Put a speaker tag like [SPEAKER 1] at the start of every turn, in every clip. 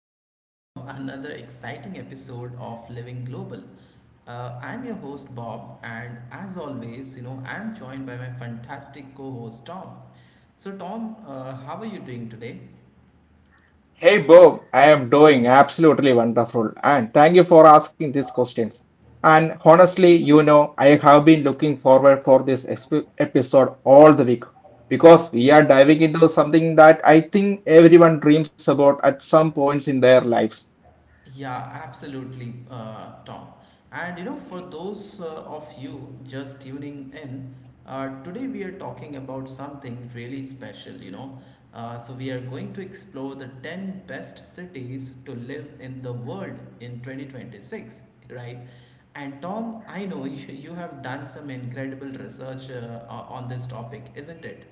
[SPEAKER 1] back to another exciting episode of Living Global. I'm your host Bob, and as always, I'm joined by my fantastic co-host Tom. So Tom, how are you doing today?
[SPEAKER 2] Hey Bob, I am doing absolutely wonderful and thank you for asking these questions. And honestly, you know, I have been looking forward for this episode all the week because we are diving into something that I think everyone dreams about at some points in their lives.
[SPEAKER 1] Yeah, absolutely, Tom. And you know, for those of you just tuning in, today we are talking about something really special, you know. We are going to explore the 10 best cities to live in the world in 2026, right? And, Tom, I know you have done some incredible research on this topic, isn't it?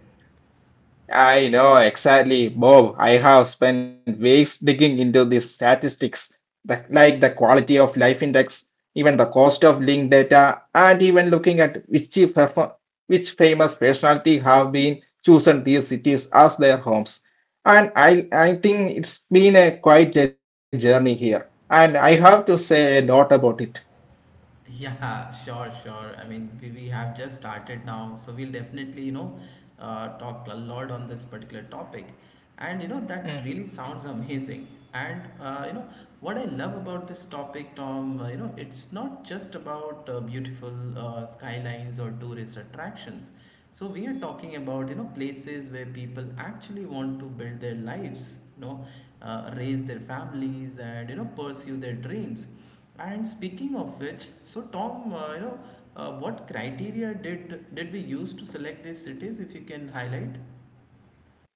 [SPEAKER 2] I know exactly, Bob. I have spent weeks digging into these statistics, like the quality of life index, even the cost of linked data, and even looking at which which famous personality have been chosen these cities as their homes. And I think it's been a quite a journey here, and I have to say a lot about it.
[SPEAKER 1] Yeah, sure, sure. I mean, we have just started now, so we'll definitely, you know, talk a lot on this particular topic. And, you know, that really sounds amazing. And, you know, what I love about this topic, Tom, you know, it's not just about beautiful skylines or tourist attractions. So we are talking about, you know, places where people actually want to build their lives, you know, raise their families and, you know, pursue their dreams, and speaking of which, so Tom, you know, what criteria did we use to select these cities? If you can highlight.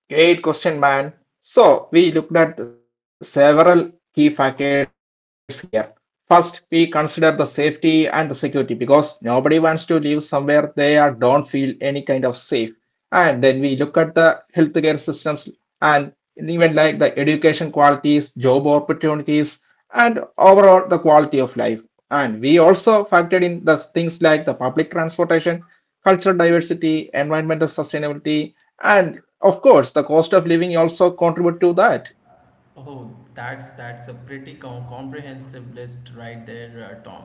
[SPEAKER 2] Great question, man. So, we looked at several key factors here. First, we consider the safety and the security because nobody wants to live somewhere they are, don't feel any kind of safe. And then we look at the healthcare systems and even like the education qualities, job opportunities, and overall the quality of life. And we also factored in the things like the public transportation, cultural diversity, environmental sustainability, and of course, the cost of living also contribute to that.
[SPEAKER 1] Oh, that's a pretty comprehensive list right there, Tom.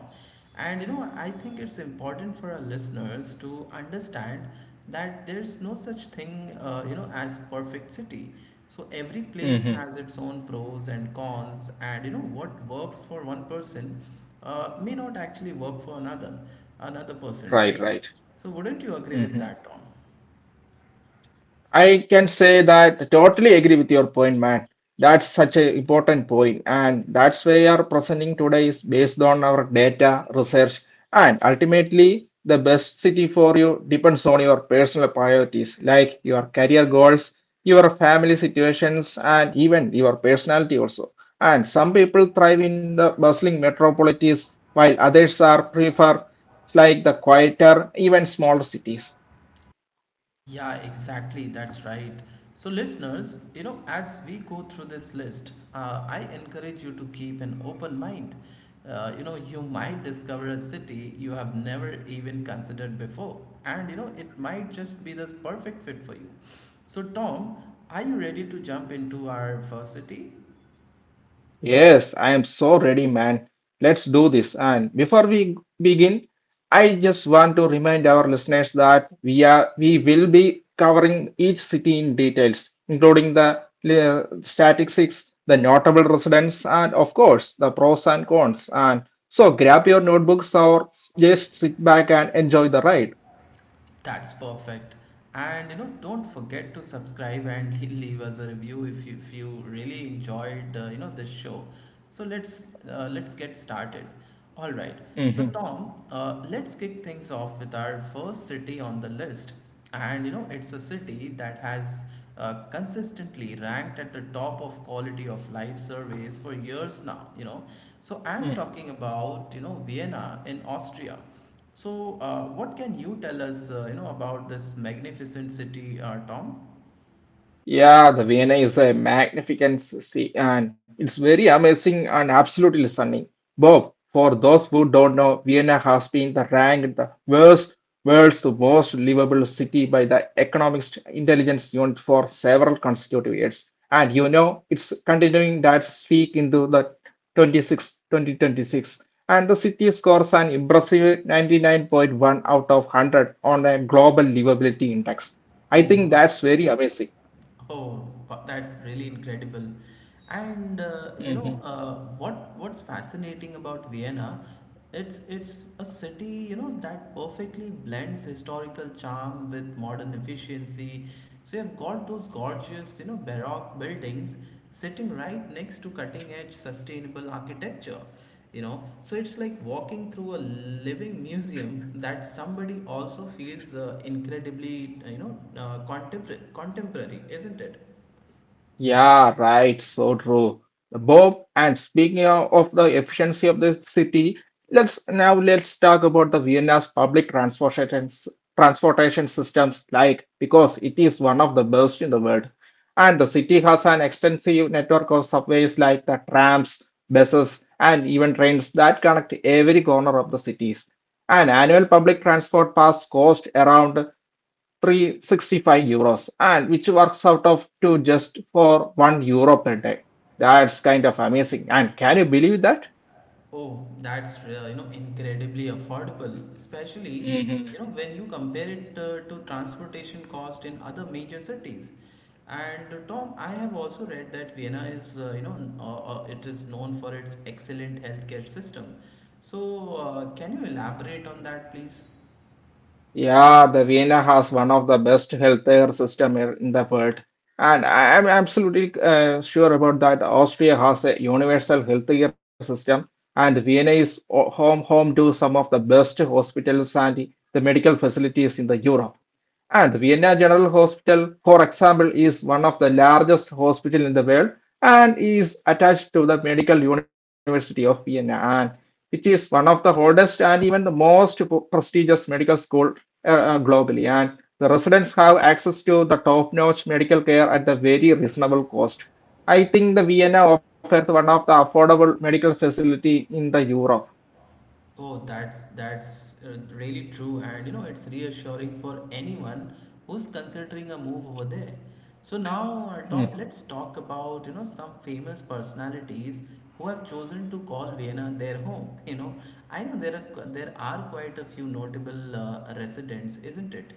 [SPEAKER 1] And you know, I think it's important for our listeners to understand that there's no such thing, you know, as perfect city. So every place has
[SPEAKER 2] Mm-hmm.
[SPEAKER 1] its own pros and cons, and you know what works for one person may not actually work for another person,
[SPEAKER 2] Right,
[SPEAKER 1] right?
[SPEAKER 2] right.
[SPEAKER 1] So wouldn't you agree with
[SPEAKER 2] Mm-hmm.
[SPEAKER 1] that, Tom?
[SPEAKER 2] I can say that totally agree with your point, man. That's such an important point, and that's why our presenting today is based on our data, research, and ultimately the best city for you depends on your personal priorities, like your career goals, your family situations, and even your personality also. And some people thrive in the bustling metropolities, while others are prefer like the quieter, even smaller cities.
[SPEAKER 1] Yeah, exactly. That's right. So, listeners, you know, as we go through this list, I encourage you to keep an open mind. You know, you might discover a city you have never even considered before, and you know, it might just be the perfect fit for you. So, Tom, are you ready to jump into our first city?
[SPEAKER 2] Yes, I am so ready, man. Let's do this. And before we begin, I just want to remind our listeners that we will be covering each city in details, including the statistics, the notable residents, and of course the pros and cons. And so grab your notebooks or just sit back and enjoy the ride.
[SPEAKER 1] That's perfect. And you know, don't forget to subscribe and leave us a review if you really enjoyed you know this show. So let's get started. All right. So
[SPEAKER 2] hmm
[SPEAKER 1] Tom, let's kick things off with our first city on the list. And you know, it's a city that has consistently ranked at the top of quality of life surveys for years now. You know, so I'm talking about you know Vienna in Austria. So, what can you tell us, you know, about this magnificent city, Tom?
[SPEAKER 2] Yeah, the Vienna is a magnificent city and it's very amazing and absolutely stunning. Bob, for those who don't know, Vienna has been the ranked the worst world's most livable city by the Economic Intelligence Unit for several consecutive years. And you know, it's continuing that streak into the 26 2026, and the city scores an impressive 99.1 out of 100 on the global livability index. I
[SPEAKER 1] Oh,
[SPEAKER 2] think
[SPEAKER 1] wow.
[SPEAKER 2] that's very amazing.
[SPEAKER 1] Oh, wow, that's really incredible. And
[SPEAKER 2] Mhm.
[SPEAKER 1] you know, what what's fascinating about Vienna? It's a city, you know, that perfectly blends historical charm with modern efficiency. So you've got those gorgeous, you know, baroque buildings sitting right next to cutting edge sustainable architecture. You know, so it's like walking through a living museum that somebody also feels incredibly you know, contemporary, isn't it?
[SPEAKER 2] Yeah, right. So true. Bob, and speaking of the efficiency of the city, let's talk about the Vienna's public transportation systems, like because it is one of the best in the world. And the city has an extensive network of subways like the trams, buses, and even trains that connect every corner of the cities. An annual public transport pass cost around €365 and which works out of to just for €1 per day. That's kind of amazing. And can you believe that?
[SPEAKER 1] Oh, that's you know, incredibly affordable, especially you know
[SPEAKER 2] hmm
[SPEAKER 1] when you compare it to transportation cost in other major cities. And Tom, I have also read that Vienna is you know, it is known for its excellent healthcare system. So can you elaborate on that, please?
[SPEAKER 2] Yeah, the Vienna has one of the best healthcare system here in the world, and I am absolutely sure about that. Austria has a universal healthcare system, and Vienna is home to some of the best hospitals and the medical facilities in the Europe. And Vienna General Hospital, for example, is one of the largest hospital in the world and is attached to the Medical University of Vienna which is one of the oldest and even the most prestigious medical school globally. And the residents have access to the top-notch medical care at the very reasonable cost. I think the Vienna offers one of the affordable medical facility in the Europe.
[SPEAKER 1] Oh, that's really true, and you know it's reassuring for anyone who's considering a move over there. So now,
[SPEAKER 2] Hmm.
[SPEAKER 1] Tom, let's talk about you know some famous personalities who have chosen to call Vienna their home. You know, I know there are quite a few notable residents, isn't it?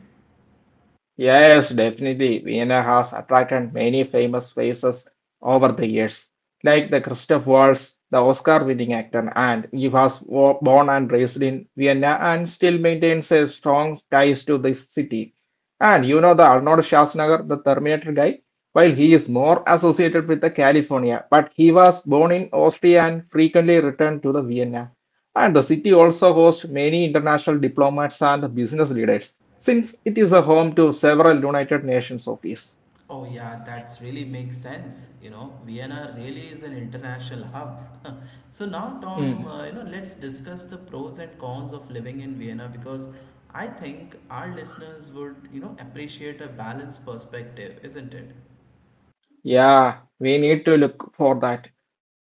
[SPEAKER 2] Yes, definitely. Vienna has attracted many famous faces over the years, like the Christoph Waltz, the Oscar-winning actor, and he was born and raised in Vienna and still maintains a strong ties to this city. And you know the Arnold Schwarzenegger, the Terminator guy, while he is more associated with the California, but he was born in Austria and frequently returned to the Vienna. And the city also hosts many international diplomats and business leaders, since it is a home to several United Nations offices.
[SPEAKER 1] Oh yeah, that's really makes sense. You know, Vienna really is an international hub. So now, Tom, you know, let's discuss the pros and cons of living in Vienna, because I think our listeners would, you know, appreciate a balanced perspective, isn't it?
[SPEAKER 2] Yeah, we need to look for that.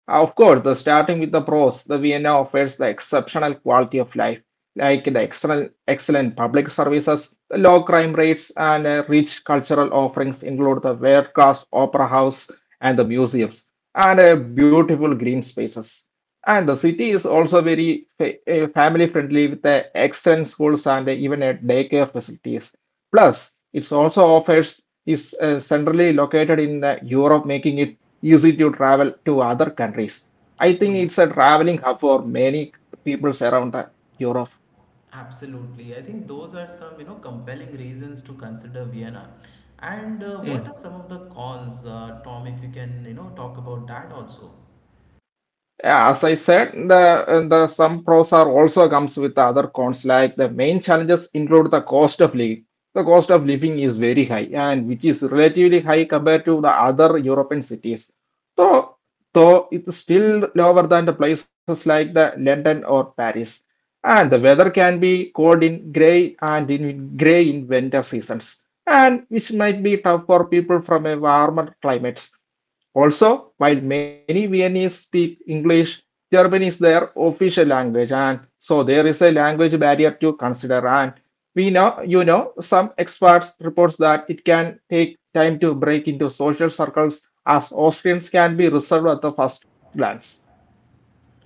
[SPEAKER 2] Of course, the starting with the pros, the Vienna offers the exceptional quality of life, like the excellent, excellent public services, the low crime rates, and rich cultural offerings include the world-class opera house and the museums, and beautiful green spaces. And the city is also very fa family-friendly with the excellent schools and even a daycare facilities. Plus, it also offers is centrally located in the Europe, making it easy to travel to other countries. I
[SPEAKER 1] Oh,
[SPEAKER 2] think
[SPEAKER 1] yeah,
[SPEAKER 2] it's a traveling hub for many peoples around the Europe.
[SPEAKER 1] absolutely. I think those are some, you know, compelling reasons to consider Vienna. And what are some of the cons, Tom, if you can, you know, talk about that also?
[SPEAKER 2] Yeah, as I said, the some pros are also comes with the other cons. Like the main challenges include the cost of living. The cost of living is very high, and which is relatively high compared to the other European cities. So, though it's still lower than the places like the London or Paris. And the weather can be cold in grey and in grey in winter seasons, and which might be tough for people from a warmer climates. Also, while many Viennese speak English, German is their official language, and so there is a language barrier to consider. And we know, you know, some experts reports that it can take time to break into social circles as Austrians can be reserved at the first glance.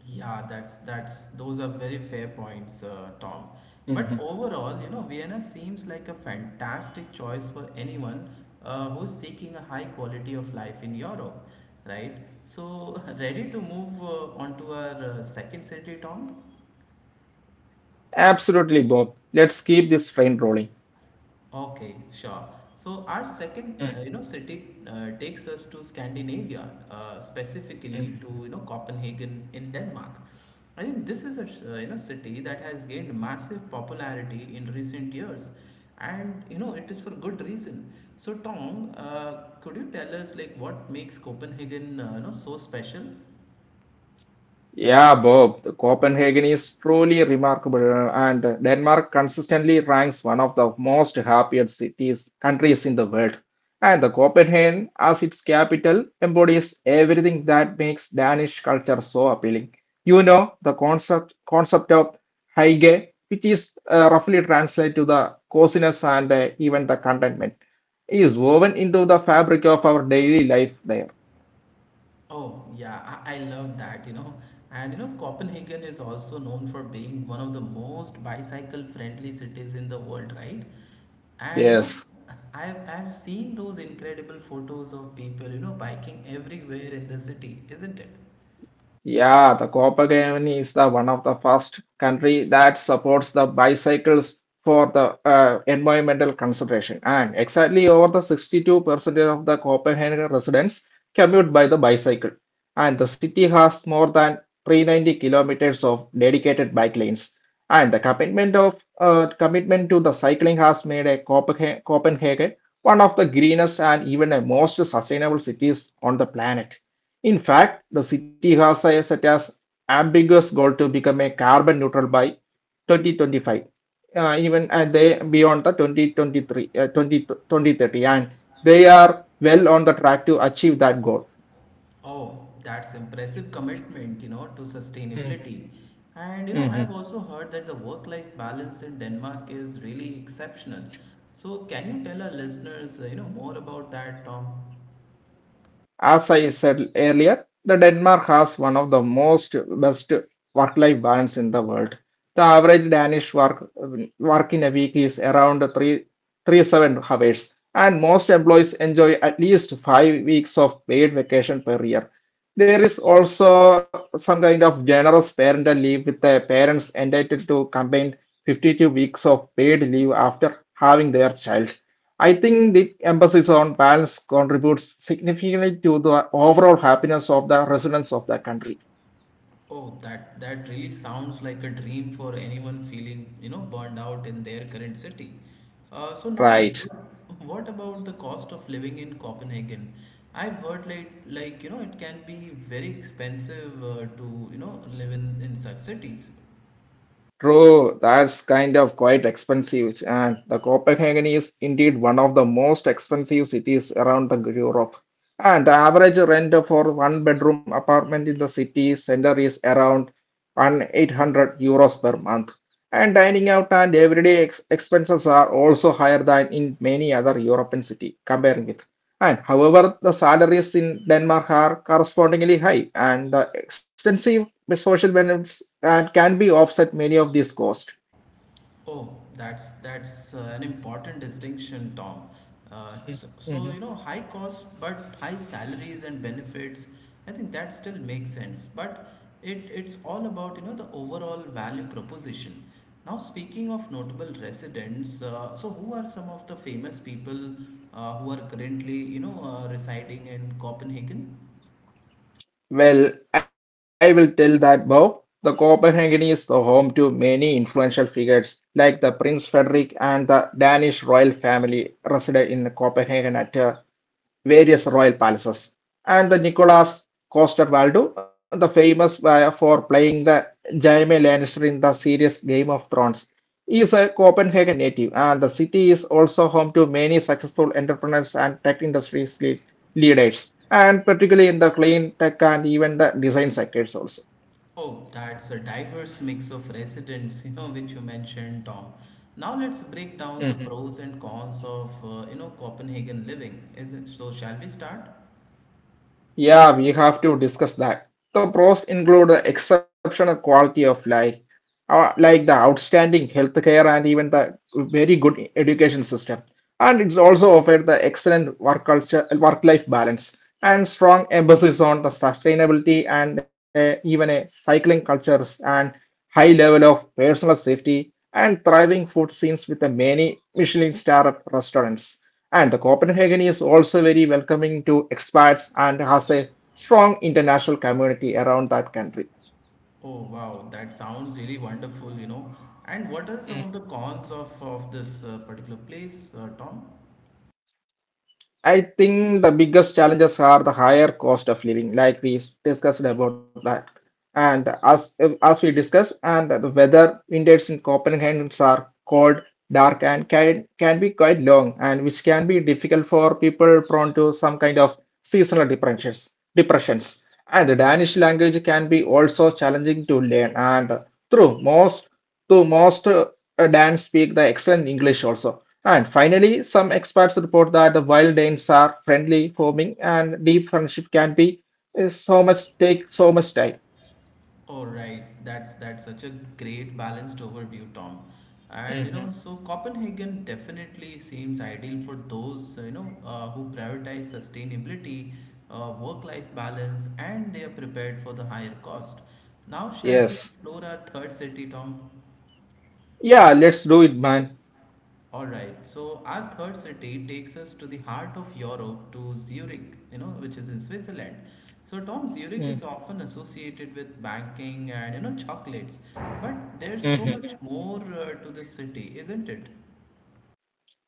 [SPEAKER 1] Yeah, that's those are very fair points, Tom.
[SPEAKER 2] Mhm.
[SPEAKER 1] But overall, you know, Vienna seems like a fantastic choice for anyone who's seeking a high quality of life in Europe, right? So, ready to move on to our second city, Tom?
[SPEAKER 2] Absolutely, Bob. Let's keep this train rolling.
[SPEAKER 1] Okay, sure. So our second, you know, city takes us to Scandinavia, specifically to
[SPEAKER 2] Mhm.
[SPEAKER 1] you know Copenhagen in Denmark. I think this is a you know city that has gained massive popularity in recent years, and you know it is for good reason. So Tom, could you tell us like what makes Copenhagen you know so special?
[SPEAKER 2] Yeah, Bob, the Copenhagen is truly remarkable, and Denmark consistently ranks one of the most happiest cities countries in the world. And the Copenhagen, as its capital, embodies everything that makes Danish culture so appealing. You know, the concept of Heige, which is roughly translated to the coziness and even the contentment, is woven into the fabric of our daily life there.
[SPEAKER 1] Oh, yeah, I love that, you know. And you know, Copenhagen is also known for being one of the most bicycle-friendly cities in the world, right? And you know,
[SPEAKER 2] Yes.
[SPEAKER 1] I've seen those incredible photos of people, you know, biking everywhere in the city, isn't it?
[SPEAKER 2] Yeah, the Copenhagen is the one of the first country that supports the bicycles for the environmental consideration. And exactly over the 62% of the Copenhagen residents commute by the bicycle. And the city has more than 390 kilometers of dedicated bike lanes. And the commitment to the cycling has made a Copenhagen one of the greenest and even the most sustainable cities on the planet. In fact, the city has a set as ambiguous goal to become a carbon neutral by 2025, even and they beyond the 2030, and they are well on the track to achieve that goal.
[SPEAKER 1] Oh, that's impressive commitment, you know, to sustainability. And you know, I've
[SPEAKER 2] Mhm.
[SPEAKER 1] also heard that the work-life balance in Denmark is really exceptional. So, can you tell our listeners, you know, more about that, Tom?
[SPEAKER 2] As I said earlier, the Denmark has one of the most best work-life balance in the world. The average Danish work in a week is around 3 3 7 hours, and most employees enjoy at least 5 weeks of paid vacation per year. There is also some kind of generous parental leave with the parents entitled to combine 52 weeks of paid leave after having their child. I think the emphasis on balance contributes significantly to the overall happiness of the residents of the country.
[SPEAKER 1] Oh, that that really sounds like a dream for anyone feeling, you know, burned out in their current city. So now,
[SPEAKER 2] Right.
[SPEAKER 1] what about the cost of living in Copenhagen? I've heard like you know it can be very expensive to you know live in such cities.
[SPEAKER 2] True, that's kind of quite expensive, and the Copenhagen is indeed one of the most expensive cities around the Europe. And the average rent for one bedroom apartment in the city center is around €1,800 per month. And dining out and everyday expenses are also higher than in many other European cities, comparing with. And however, the salaries in Denmark are correspondingly high, and the extensive social benefits that can be offset many of these costs.
[SPEAKER 1] Oh, that's an important distinction, Tom. So, so you know,
[SPEAKER 2] Mhm.
[SPEAKER 1] high cost but high salaries and benefits. I think that still makes sense, but it's all about you know the overall value proposition. Now, speaking of notable residents, so who are some of the famous people who are currently you know residing in Copenhagen?
[SPEAKER 2] Well, I will tell that Bob, the Copenhagen is the home to many influential figures like the Prince Frederick and the Danish royal family resided in Copenhagen at a various royal palaces. And the Nicholas Coster Waldo, the famous for playing the Jaime Lannister in the series Game of Thrones, is a Copenhagen native, and the city is also home to many successful entrepreneurs and tech industry leaders, and particularly in the clean tech and even the design sectors also.
[SPEAKER 1] Oh, that's a diverse mix of residents, you know, which you mentioned, Tom. Now let's break down the pros and cons of, you know, Copenhagen living. Is it so? Shall we start?
[SPEAKER 2] Yeah, we have to discuss that. The pros include the exceptional quality of life, like the outstanding healthcare and even the very good education system. And it's also offered the excellent work culture, work-life balance, and strong emphasis on the sustainability and even a cycling cultures and high level of personal safety and thriving food scenes with the many Michelin star restaurants. And the Copenhagen is also very welcoming to expats and has a strong international community around that country.
[SPEAKER 1] Oh, wow, that sounds really wonderful, you know. And what are some of the cons of this particular place, Tom?
[SPEAKER 2] I think the biggest challenges are the higher cost of living, like we discussed about that. And as we discussed, and the weather winters in Copenhagen are cold, dark, and can be quite long, and which can be difficult for people prone to some kind of seasonal depressions. Depressions. And the Danish language can be also challenging to learn. And through most Though most Danes speak the excellent English also. And finally, some experts report that while Danes are friendly, forming and deep friendship can be is so much take so much time.
[SPEAKER 1] All right, that's such a great balanced overview, Tom. And you know,
[SPEAKER 2] Mm-hmm.
[SPEAKER 1] so Copenhagen definitely seems ideal for those you know who prioritize sustainability, work-life balance, and they are prepared for the higher cost. Now, shall we
[SPEAKER 2] Yes.
[SPEAKER 1] explore our third city, Tom?
[SPEAKER 2] Yeah, let's do it, man.
[SPEAKER 1] Alright, so our third city takes us to the heart of Europe, to Zurich, you know, which is in Switzerland. So, Tom, Zurich is often associated with banking and, you know, chocolates, but there's so
[SPEAKER 2] Mm.
[SPEAKER 1] much more to this city, isn't it?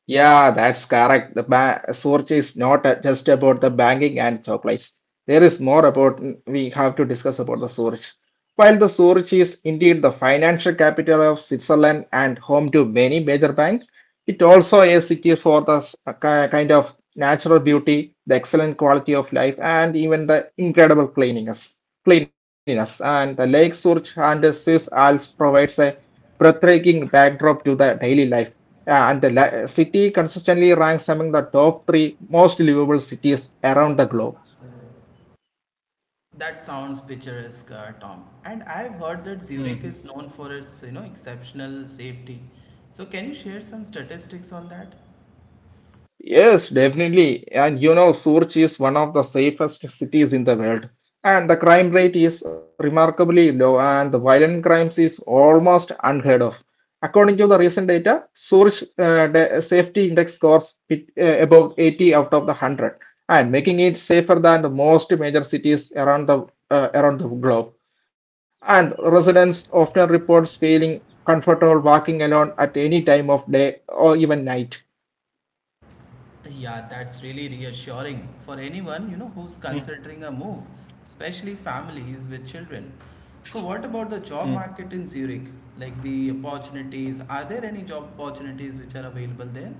[SPEAKER 2] Yeah, that's correct. The ba Surge is not just about the banking and chocolates. There is more about we have to discuss about the Surge. While the Surge is indeed the financial capital of Switzerland and home to many major banks, it also is city for the kind of natural beauty, the excellent quality of life, and even the incredible cleanliness and the Lake Zurich and the Swiss Alps provides a breathtaking backdrop to the daily life, yeah, and the city consistently ranks among the top three most livable cities around the globe.
[SPEAKER 1] That sounds picturesque, Tom. And I've heard that Zurich
[SPEAKER 2] Mhm.
[SPEAKER 1] is known for its, you know, exceptional safety. So, can you share some statistics on that?
[SPEAKER 2] Yes, definitely. And you know, Surch is one of the safest cities in the world. And the crime rate is remarkably low, and the violent crimes is almost unheard of. According to the recent data, Surch the safety index scores bit, above 80 out of the 100, and making it safer than the most major cities around the globe. And residents often reports feeling comfortable walking alone at any time of day or even night.
[SPEAKER 1] Yeah, that's really reassuring for anyone, you know, who's
[SPEAKER 2] Mm,
[SPEAKER 1] considering a move, especially families with children. So what about the job
[SPEAKER 2] mm.
[SPEAKER 1] market in Zurich? Like the opportunities, are there any job opportunities which are available there?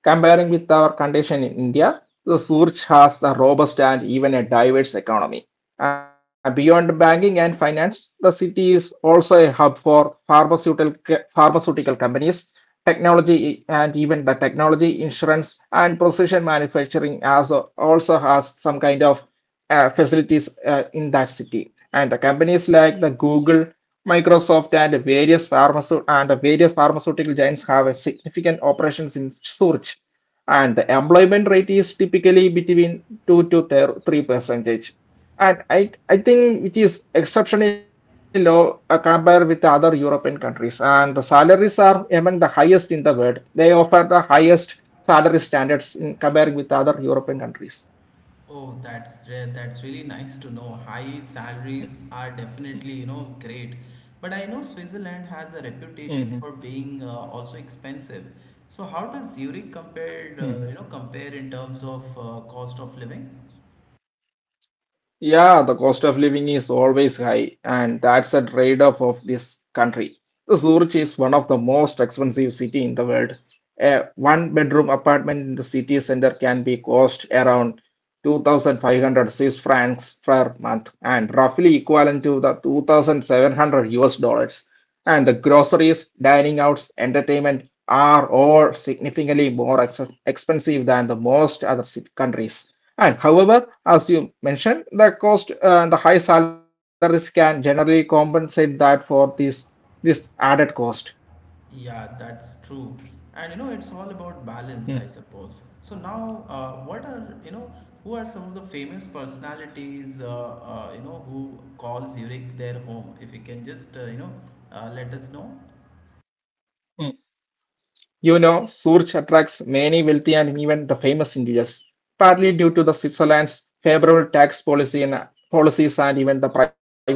[SPEAKER 2] Comparing with our condition in India, the Surch has a robust and even a diverse economy. Beyond banking and finance, the city is also a hub for pharmaceutical companies, technology, and insurance, and precision manufacturing as also has some kind of facilities in that city. And the companies like the Google, Microsoft, and various pharmaceutical giants have a significant operations in Zurich. And the employment rate is typically between two to three percentage, and I think it is exceptionally low compared with the other European countries. And the salaries are among the highest in the world. They offer the highest salary standards in comparing with the other European countries.
[SPEAKER 1] Oh, that's really nice to know. High salaries are definitely, you know, great. But I know Switzerland
[SPEAKER 2] Mm-hmm.
[SPEAKER 1] has a reputation for being also expensive. So how does Zurich compare, you know, compare in terms of cost of living?
[SPEAKER 2] Yeah, the cost of living is always high, and that's a trade-off of this country. Zurich is one of the most expensive city in the world. A one-bedroom apartment in the city center can be cost around 2,500 Swiss francs per month, and roughly equivalent to the 2,700 US dollars. And the groceries, dining outs, entertainment are all significantly more expensive than the most other countries. And however, as you mentioned, the cost, the high salaries can generally compensate that for this added cost.
[SPEAKER 1] Yeah, that's true. And you know, it's all about
[SPEAKER 2] Mm,
[SPEAKER 1] balance, I suppose. So now, what are you know, who are some of the famous personalities? You know, who calls Zurich their home? If you can just you know, let us know.
[SPEAKER 2] mm. You know, Zurich attracts many wealthy and even the famous individuals, partly due to the Switzerland's favorable tax policy and policies and even the privacy laws.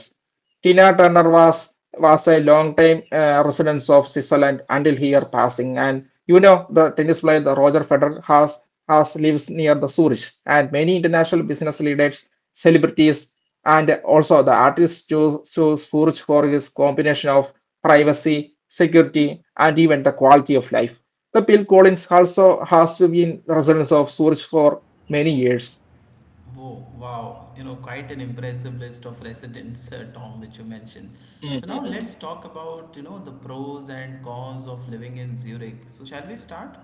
[SPEAKER 2] Tina Turner was a long-time resident of Switzerland until her passing, and you know the tennis player the Roger Federer has lives near the Zurich, and many international business leaders, celebrities, and also the artists choose Zurich for his combination of privacy, security, and even the quality of life. The Bill Collins also has been resident of Zurich for many years.
[SPEAKER 1] Whoa, wow, you know, quite an impressive list of residents, Tom, which you mentioned. So now let's talk about you know the pros and cons of living in Zurich. So shall we start?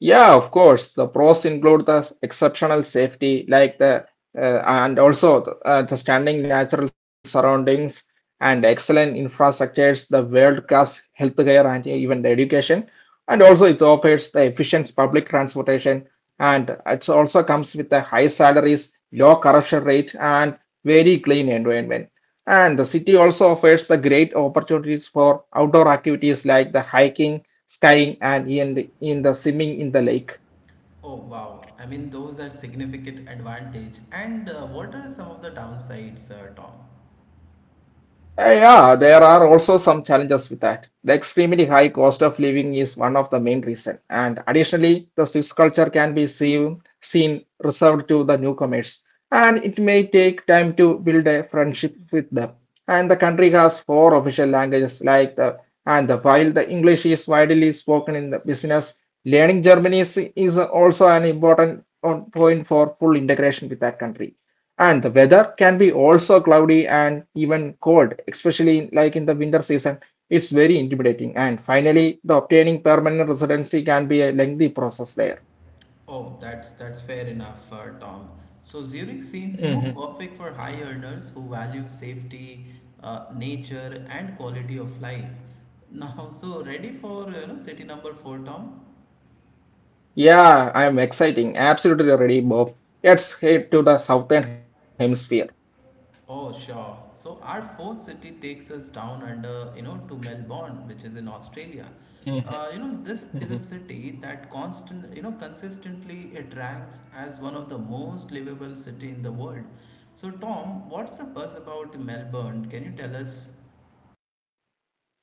[SPEAKER 2] Yeah, of course. The pros include the exceptional safety, like the stunning natural surroundings and excellent infrastructures, the world-class healthcare and even the education. And also, it offers the efficient public transportation, and it also comes with the high salaries, low corruption rate, and very clean environment. And the city also offers the great opportunities for outdoor activities like the hiking skying and in the swimming in the lake.
[SPEAKER 1] Oh wow! I mean, those are significant advantage. And what are some of the downsides, Tom?
[SPEAKER 2] Yeah, there are also some challenges with that. The extremely high cost of living is one of the main reason, and additionally, the Swiss culture can be seen reserved to the newcomers, and it may take time to build a friendship with them. And the country has four official languages, while the English is widely spoken in the business, learning German is also an important point for full integration with that country. And the weather can be also cloudy and even cold, especially like in the winter season. It's very intimidating. And finally, the obtaining permanent residency can be a lengthy process there.
[SPEAKER 1] Oh, that's fair enough, Tom. So Zurich seems, you know,
[SPEAKER 2] Hmm.
[SPEAKER 1] perfect for high earners who value safety, nature, and quality of life. Now, so ready for you know city number four, Tom?
[SPEAKER 2] Yeah, I am exciting. Absolutely ready, Bob. Let's head to the southern hemisphere.
[SPEAKER 1] Oh, sure. So our fourth city takes us down under, you know, to Melbourne, which is in Australia.
[SPEAKER 2] Hmm.
[SPEAKER 1] You know, this is a city that you know, consistently it ranks as one of the most livable city in the world. So Tom, what's the buzz about Melbourne? Can you tell us?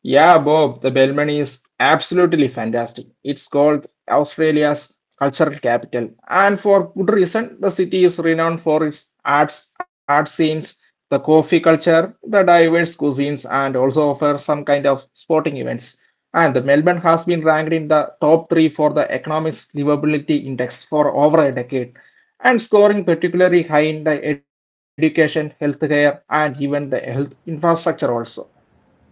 [SPEAKER 2] Yeah, Bob, the Bellman is absolutely fantastic. It's called Australia's cultural capital, and for good reason. The city is renowned for its art scenes, the coffee culture, the diverse cuisines, and also offers some kind of sporting events. And the Melbourne has been ranked in the top three for the Economist Livability Index for over a decade, and scoring particularly high in the education, healthcare, and even the health infrastructure also.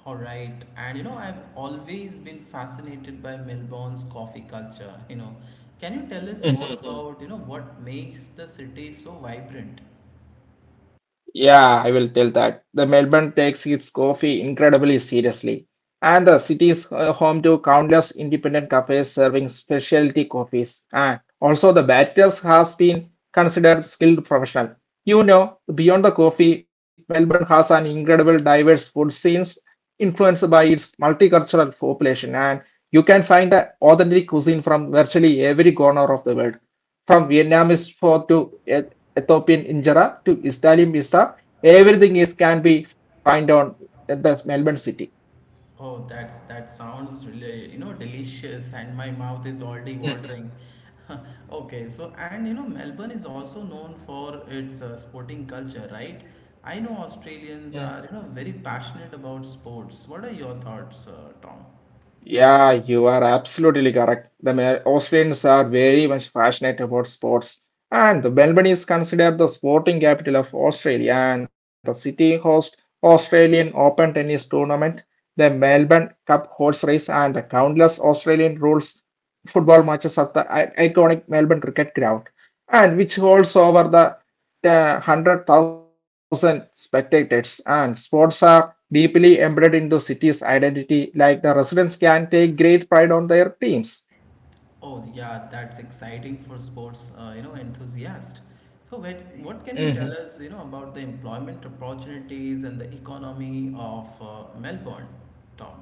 [SPEAKER 1] All right. And you know, I've always been fascinated by Melbourne's coffee culture, you know. Can you tell us more about, you know, what makes the city so vibrant?
[SPEAKER 2] Yeah, I will tell that. The Melbourne takes its coffee incredibly seriously, and the city is home to countless independent cafes serving specialty coffees. And also, the barristers has been considered skilled professional. You know, beyond the coffee, Melbourne has an incredible diverse food scenes influenced by its multicultural population, and you can find the authentic cuisine from virtually every corner of the world, from Vietnamese pho to Ethiopian injera to Israeli misa, everything is can be found on the Melbourne city.
[SPEAKER 1] Oh, that's that sounds really, you know, delicious, and my mouth is already watering. Okay, so and you know, Melbourne is also known for its sporting culture, right? I know Australians are, very passionate about sports. What are your thoughts, Tom?
[SPEAKER 2] Yeah, you are absolutely correct. The Austrians are very much passionate about sports, and Melbourne is considered the sporting capital of Australia, and the city hosts Australian Open Tennis Tournament, the Melbourne Cup horse race, and the countless Australian rules football matches at the iconic Melbourne Cricket Ground, and which holds over the 100,000 spectators, and sports are deeply embedded into city's identity, like the residents can take great pride on their teams.
[SPEAKER 1] Oh, yeah, that's exciting for sports, enthusiast. So, what what can you tell us,
[SPEAKER 2] Mhm.
[SPEAKER 1] about the employment opportunities and the economy of Melbourne, Tom?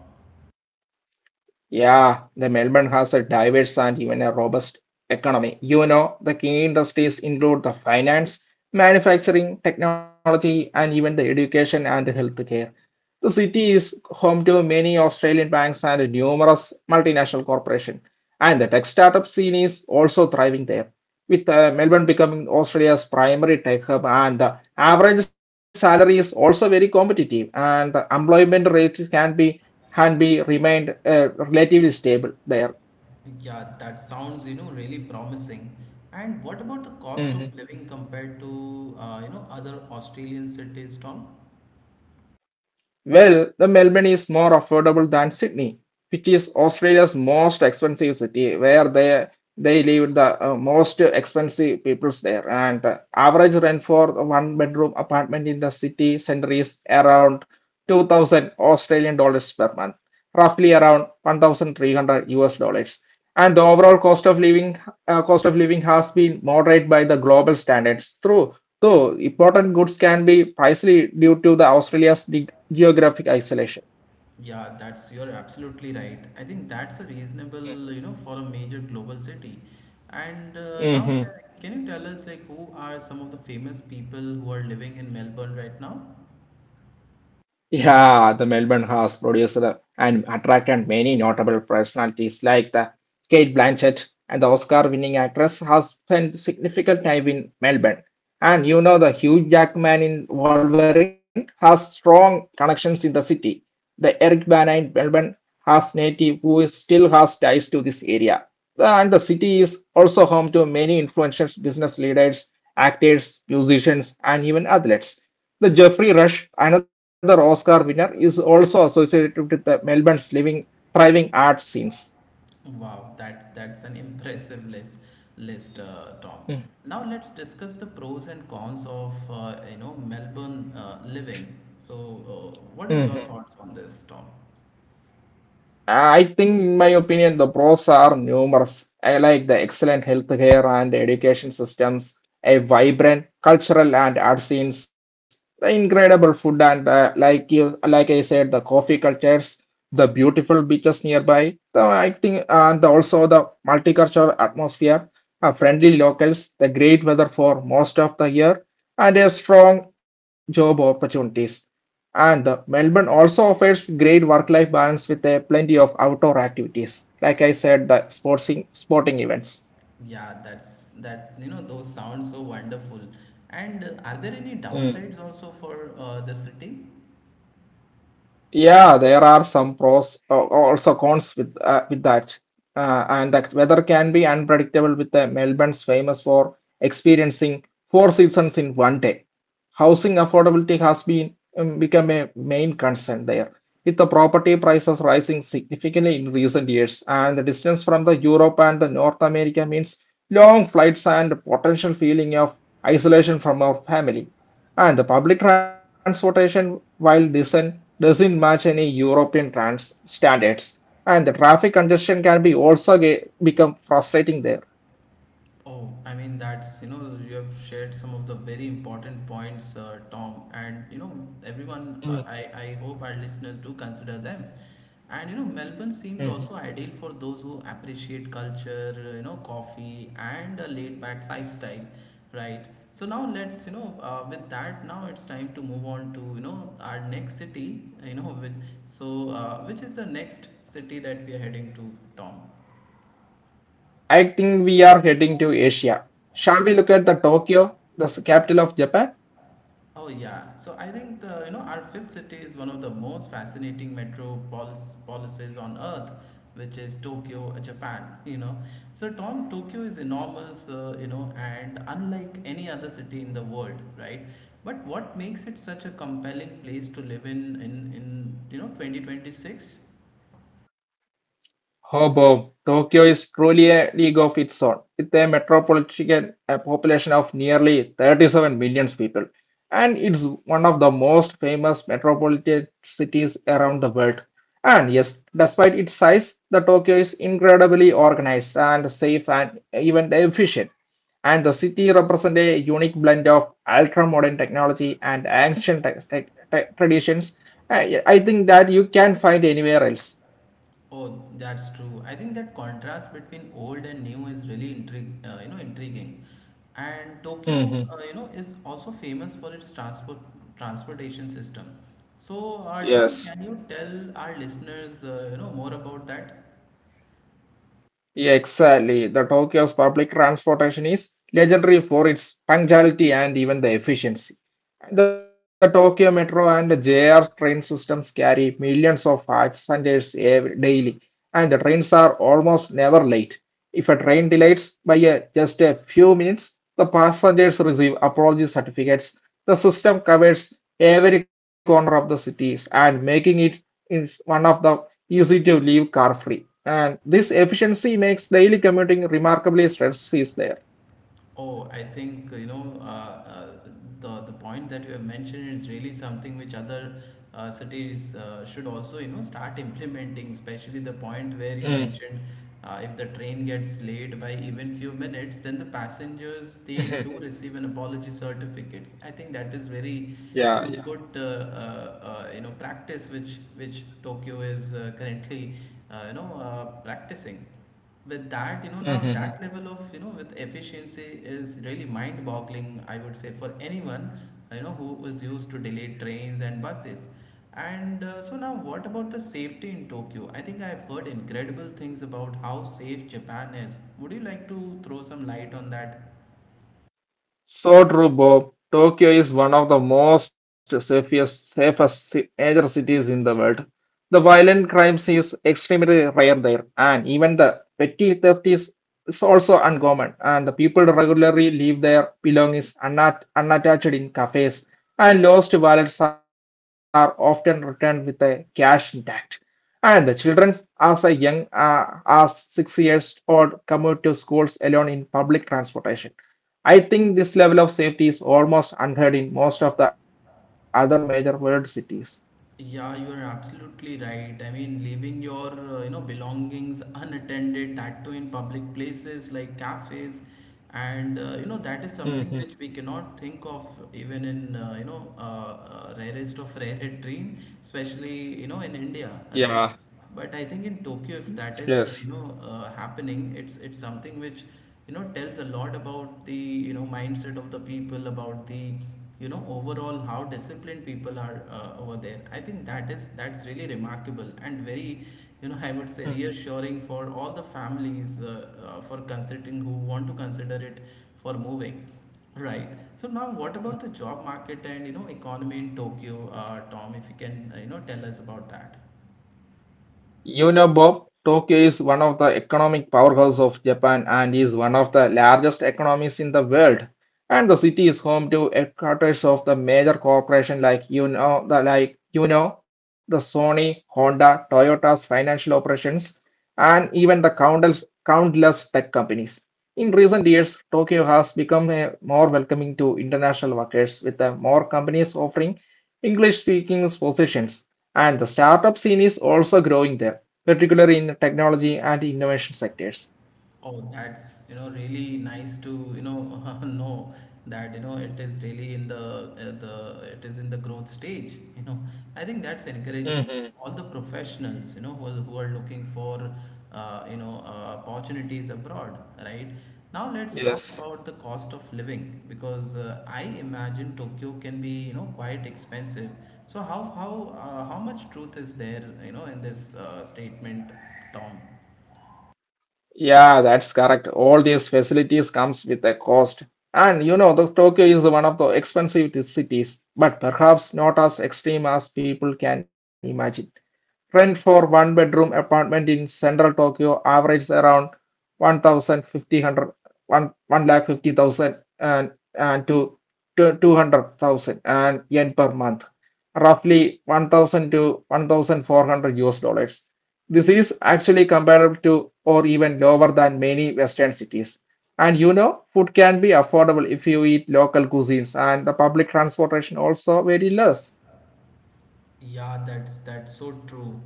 [SPEAKER 2] Yeah, the Melbourne has a diverse and even a robust economy. You know, the key industries include the finance, manufacturing, technology, and even the education and the healthcare. The city is home to many Australian banks and numerous multinational corporations, and the tech startup scene is also thriving there. With Melbourne becoming Australia's primary tech hub, and the average salary is also very competitive, and the employment rate can be Hanby remained relatively stable there.
[SPEAKER 1] Yeah, that sounds, really promising. And what about the cost
[SPEAKER 2] Mm-hmm.
[SPEAKER 1] of living compared to, other Australian cities, Tom?
[SPEAKER 2] Well, the Melbourne is more affordable than Sydney, which is Australia's most expensive city, where they live the most expensive peoples there. And the average rent for a one bedroom apartment in the city center is around 2,000 Australian dollars per month, roughly around 1,300 US dollars. And the overall cost of living has been moderated by the global standards through. So important goods can be pricey due to the Australia's geographic isolation.
[SPEAKER 1] Yeah, that's you're absolutely right. I think that's a reasonable, for a major global city. And now,
[SPEAKER 2] Hmm.
[SPEAKER 1] can you tell us like who are some of the famous people who are living in Melbourne right now?
[SPEAKER 2] Yeah, the Melbourne has produced and attracted many notable personalities like the Kate Blanchett, and the Oscar-winning actress has spent significant time in Melbourne. And you know the Hugh Jackman in Wolverine has strong connections in the city. The Eric Bana in Melbourne has native who is still has ties to this area. And the city is also home to many influential business leaders, actors, musicians, and even athletes. The Jeffrey Rush, another Oscar winner, is also associated with the Melbourne's living, thriving art scenes.
[SPEAKER 1] Wow, that's an impressive list, Tom. Now let's discuss the pros and cons of Melbourne living. So, what are your
[SPEAKER 2] Mhm.
[SPEAKER 1] thoughts on this, Tom?
[SPEAKER 2] I think, in my opinion, the pros are numerous. I like the excellent healthcare and education systems, a vibrant cultural and art scenes, the incredible food and, like you, like I said, the coffee cultures, the beautiful beaches nearby. The I think, and also the multicultural atmosphere, friendly locals, the great weather for most of the year, and a strong job opportunities. And Melbourne also offers great work-life balance with plenty of outdoor activities. Like I said, the sporting events.
[SPEAKER 1] Yeah, that's that you know those sound so wonderful. And are there any downsides also for the city?
[SPEAKER 2] Yeah, there are some pros, also cons with that, and that weather can be unpredictable. With the Melbourne's famous for experiencing four seasons in one day. Housing affordability has been become a main concern there, with the property prices rising significantly in recent years, and the distance from the Europe and the North America means long flights and potential feeling of isolation from our family. And the public transportation, while decent, doesn't match any European trans standards. And the traffic congestion can be also become frustrating there.
[SPEAKER 1] Oh, I mean, that's, you have shared some of the very important points, Tom. And, everyone,
[SPEAKER 2] Mm,
[SPEAKER 1] I hope our listeners do consider them. And, Melbourne seems
[SPEAKER 2] mhm.
[SPEAKER 1] also ideal for those who appreciate culture, coffee and a laid back lifestyle, right? So now let's, with that, now it's time to move on to, our next city, which is the next city that we are heading to, Tom?
[SPEAKER 2] I think we are heading to Asia. Shall we look at the Tokyo, the capital of Japan?
[SPEAKER 1] Oh yeah. So I think the you know our fifth city is one of the most fascinating metropolises on earth, which is Tokyo, Japan. So Tom, Tokyo is enormous. And unlike any other city in the world, right? But what makes it such a compelling place to live in in 2026?
[SPEAKER 2] Oh, Bob, Tokyo is truly a league of its own, with a metropolitan population of nearly 37 million people, and it's one of the most famous metropolitan cities around the world. And yes, despite its size, the Tokyo is incredibly organized and safe and even efficient. And the city represents a unique blend of ultra-modern technology and ancient traditions. I think that you can find anywhere else.
[SPEAKER 1] Oh, that's true. I think that contrast between old and new is really intriguing. And Tokyo,
[SPEAKER 2] Hmm.
[SPEAKER 1] is also famous for its transportation system. So, Tom,
[SPEAKER 2] Yes,
[SPEAKER 1] can you tell our listeners, more about that?
[SPEAKER 2] yeah, exactly. The Tokyo's public transportation is legendary for its punctuality and even the efficiency. The Tokyo Metro and JR train systems carry millions of passengers daily, and the trains are almost never late. If a train delays by just a few minutes, the passengers receive apology certificates. The system covers every corner of the cities and making it is one of the easy to leave car free. And this efficiency makes daily commuting remarkably stress free there.
[SPEAKER 1] Oh, I think the point that you have mentioned is really something which other cities should also start implementing, especially the point where you mentioned if the train gets delayed by even few minutes, then the passengers they do receive an apology certificates. I think that is very good practice which Tokyo is currently practicing. With that, now that level of you know with efficiency is really mind boggling. I would say for anyone who was used to delayed trains and buses, and so now what about the safety in Tokyo? I think I've heard incredible things about how safe Japan is. Would you like to throw some light on that?
[SPEAKER 2] So true, Bob. Tokyo is one of the safest major cities in the world. The violent crimes is extremely rare there, and even the petty theft is also uncommon. And the people regularly leave their belongings unattached in cafes, and lost wallets are often returned with the cash intact. And the children, as a young as 6 years old, commute to schools alone in public transportation. I think this level of safety is almost unheard in most of the other major world cities.
[SPEAKER 1] Yeah, you are absolutely right. I mean, leaving your belongings unattended, that too in public places like cafes, and
[SPEAKER 2] Hmm.
[SPEAKER 1] that is something which we cannot think of even in rarest of rare dream, especially in India,
[SPEAKER 2] Yeah.
[SPEAKER 1] right? But I think in Tokyo, if
[SPEAKER 2] Yes.
[SPEAKER 1] that is happening, it's something which tells a lot about the mindset of the people, about the overall how disciplined people are over there. I think that's really remarkable and very, I
[SPEAKER 2] Mhm.
[SPEAKER 1] would say reassuring for all the families for considering who want to consider it for moving. Right. So now, what about the job market and economy in Tokyo, Tom? If you can tell us about that.
[SPEAKER 2] You know, Bob, Tokyo is one of the economic powerhouses of Japan and is one of the largest economies in the world. And the city is home to headquarters of the major corporation like you know the like you know the Sony, Honda, Toyota's financial operations, and even the countless tech companies. In recent years, Tokyo has become a more welcoming to international workers with more companies offering English-speaking positions. And the startup scene is also growing there, particularly in technology and innovation sectors.
[SPEAKER 1] Oh, that's really nice to you know know that you know it is really in the it is in the growth stage. You know, I think that's
[SPEAKER 2] Hmm.
[SPEAKER 1] encouraging all the professionals who are looking for opportunities abroad, right? Now let's talk
[SPEAKER 2] Yes.
[SPEAKER 1] about the cost of living because I imagine Tokyo can be quite expensive. So how much truth is there in this statement, Tom?
[SPEAKER 2] Yeah, that's correct. All these facilities comes with a cost. And you know, the Tokyo is one of the expensive cities, but perhaps not as extreme as people can imagine. Rent for one bedroom apartment in central Tokyo averages around one thousand fifty hundred one 1, lakh 50,000 and and to, to 200,000 and yen per month, roughly 1,000 to 1,400 US dollars. This is actually comparable to or even lower than many Western cities. And you know, food can be affordable if you eat local cuisines, and the public transportation also very less.
[SPEAKER 1] Yeah, that's so true.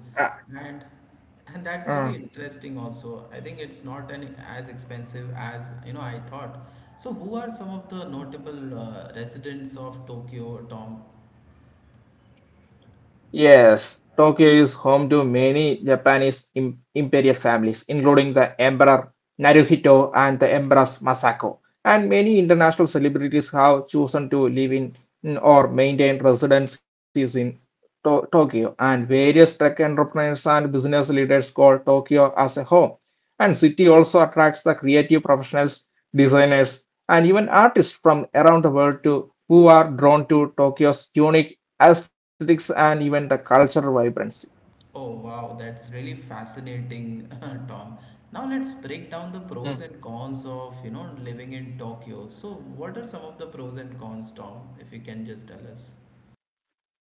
[SPEAKER 1] And
[SPEAKER 2] Uh,
[SPEAKER 1] and that's really interesting also. I think it's not an as expensive as, I thought. So who are some of the notable residents of Tokyo, Tom?
[SPEAKER 2] Yes, Tokyo is home to many Japanese imperial families, including the Emperor Naruhito and the Empress Masako. And many international celebrities have chosen to live in or maintain residencies in Tokyo. And various tech entrepreneurs and business leaders call Tokyo as a home. And city also attracts the creative professionals, designers, and even artists from around the world to who are drawn to Tokyo's unique aesthetics and even the cultural vibrancy.
[SPEAKER 1] Oh, wow, that's really fascinating, Tom. Now let's break down the pros and cons of, living in Tokyo. So what are some of the pros and cons, Tom, if you can just tell us?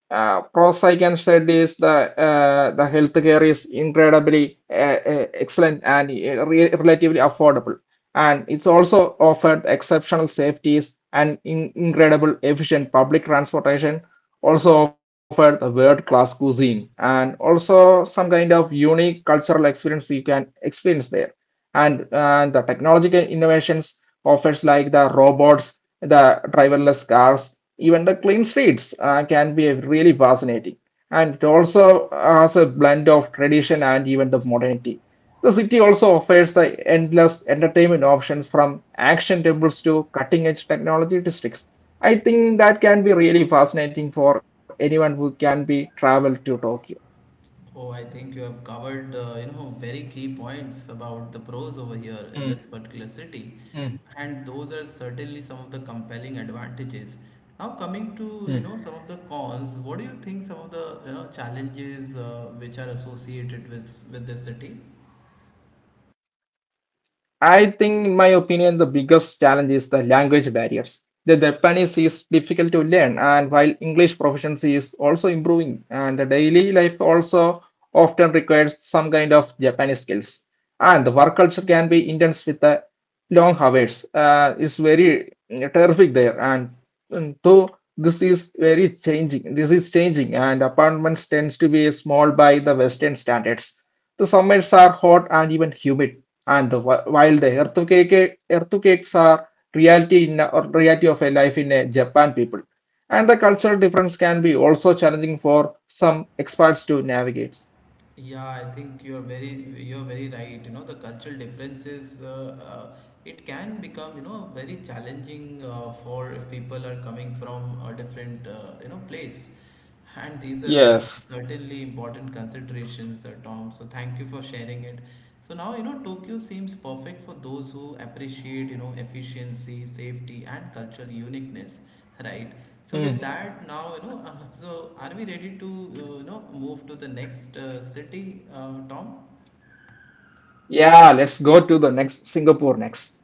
[SPEAKER 2] Pros I can said is the healthcare is incredibly excellent and re relatively affordable, and it's also offered exceptional safeties and in incredible efficient public transportation. Also offered the world-class cuisine and also some kind of unique cultural experience you can experience there, and the technological innovations offers like the robots, the driverless cars, even the clean streets can be really fascinating, and it also has a blend of tradition and even the modernity. The city also offers the endless entertainment options from action tables to cutting edge technology districts. I think that can be really fascinating for anyone who can be traveled to Tokyo.
[SPEAKER 1] Oh, I think you have covered, very key points about the pros over here
[SPEAKER 2] Mm,
[SPEAKER 1] in this particular city,
[SPEAKER 2] mm,
[SPEAKER 1] and those are certainly some of the compelling advantages. Now, coming to,
[SPEAKER 2] mm.
[SPEAKER 1] some of the cons, what do you think some of the, challenges which are associated with this city?
[SPEAKER 2] I think, in my opinion, the biggest challenge is the language barriers. The Japanese is difficult to learn, and while English proficiency is also improving, and the daily life also often requires some kind of Japanese skills. And the work culture can be intense with the long hours. It's very terrific there, and though this is changing, and apartments tends to be small by the Western standards. The summers are hot and even humid, and the, whi- while the earthquake, earthquakes are reality in or reality of a life in a Japan people, and the cultural difference can be also challenging for some experts to navigate.
[SPEAKER 1] Yeah, I think you're very right. You know, the cultural differences it can become very challenging for if people are coming from a different place, and these are
[SPEAKER 2] Yes.
[SPEAKER 1] certainly important considerations, Tom. So thank you for sharing it. So now Tokyo seems perfect for those who appreciate efficiency, safety, and cultural uniqueness, right? So with
[SPEAKER 2] Mhm.
[SPEAKER 1] that now, so are we ready to move to the next city, Tom?
[SPEAKER 2] Yeah, let's go to the next Singapore next.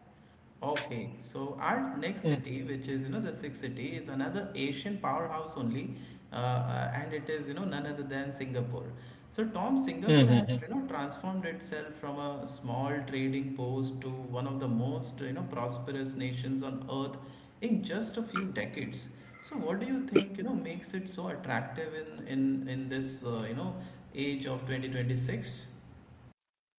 [SPEAKER 1] Okay, so our next city, which is the sixth city, is another Asian powerhouse only, and it is none other than Singapore. So Tom, Singapore has
[SPEAKER 2] Mm-hmm.
[SPEAKER 1] transformed itself from a small trading post to one of the most prosperous nations on earth in just a few decades. So what do you think makes it so attractive in this age of 2026?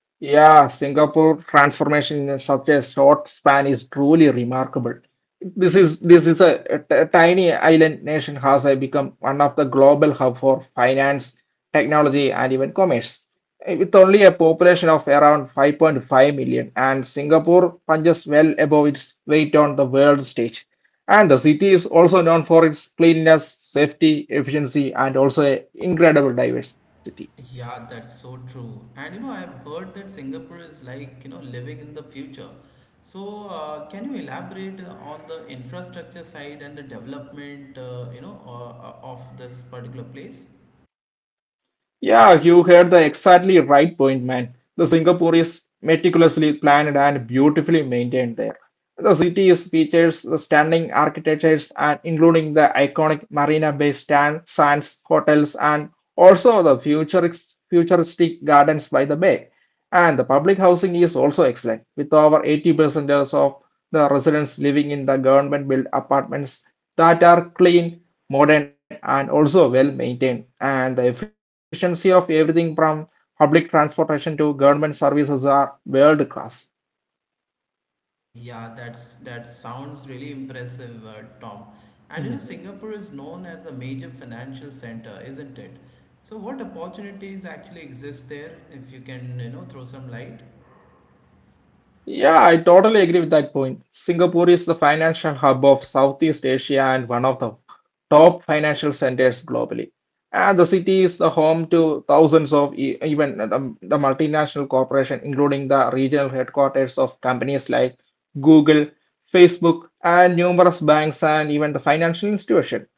[SPEAKER 2] Yeah, Singapore transformation in such a short span is truly remarkable. This is a tiny island nation has become one of the global hub for finance, technology, and even commerce. With only a population of around 5.5 million, and Singapore punches well above its weight on the world stage. And the city is also known for its cleanliness, safety, efficiency, and also a incredible diversity.
[SPEAKER 1] Yeah, that's so true. And you know, I've heard that Singapore is like, living in the future. So, can you elaborate on the infrastructure side and the development, you know, of this particular place?
[SPEAKER 2] Yeah, you heard the exactly right point, man. The Singapore is meticulously planned and beautifully maintained there. The city is features the stunning architectures and including the iconic Marina Bay Sands hotels and also the futuristic gardens by the bay. And the public housing is also excellent with over 80% of the residents living in the government built apartments that are clean, modern, and also well maintained. And the efficiency of everything from public transportation to government services are world class.
[SPEAKER 1] Yeah, that sounds really impressive, Tom. And you know,
[SPEAKER 2] Mhm.
[SPEAKER 1] Singapore is known as a major financial center, isn't it? So, what opportunities actually exist there, if you can, throw some light?
[SPEAKER 2] Yeah, I totally agree with that point. Singapore is the financial hub of Southeast Asia and one of the top financial centers globally. And the city is the home to thousands of the multinational corporation, including the regional headquarters of companies like Google, Facebook, and numerous banks and even the financial institution.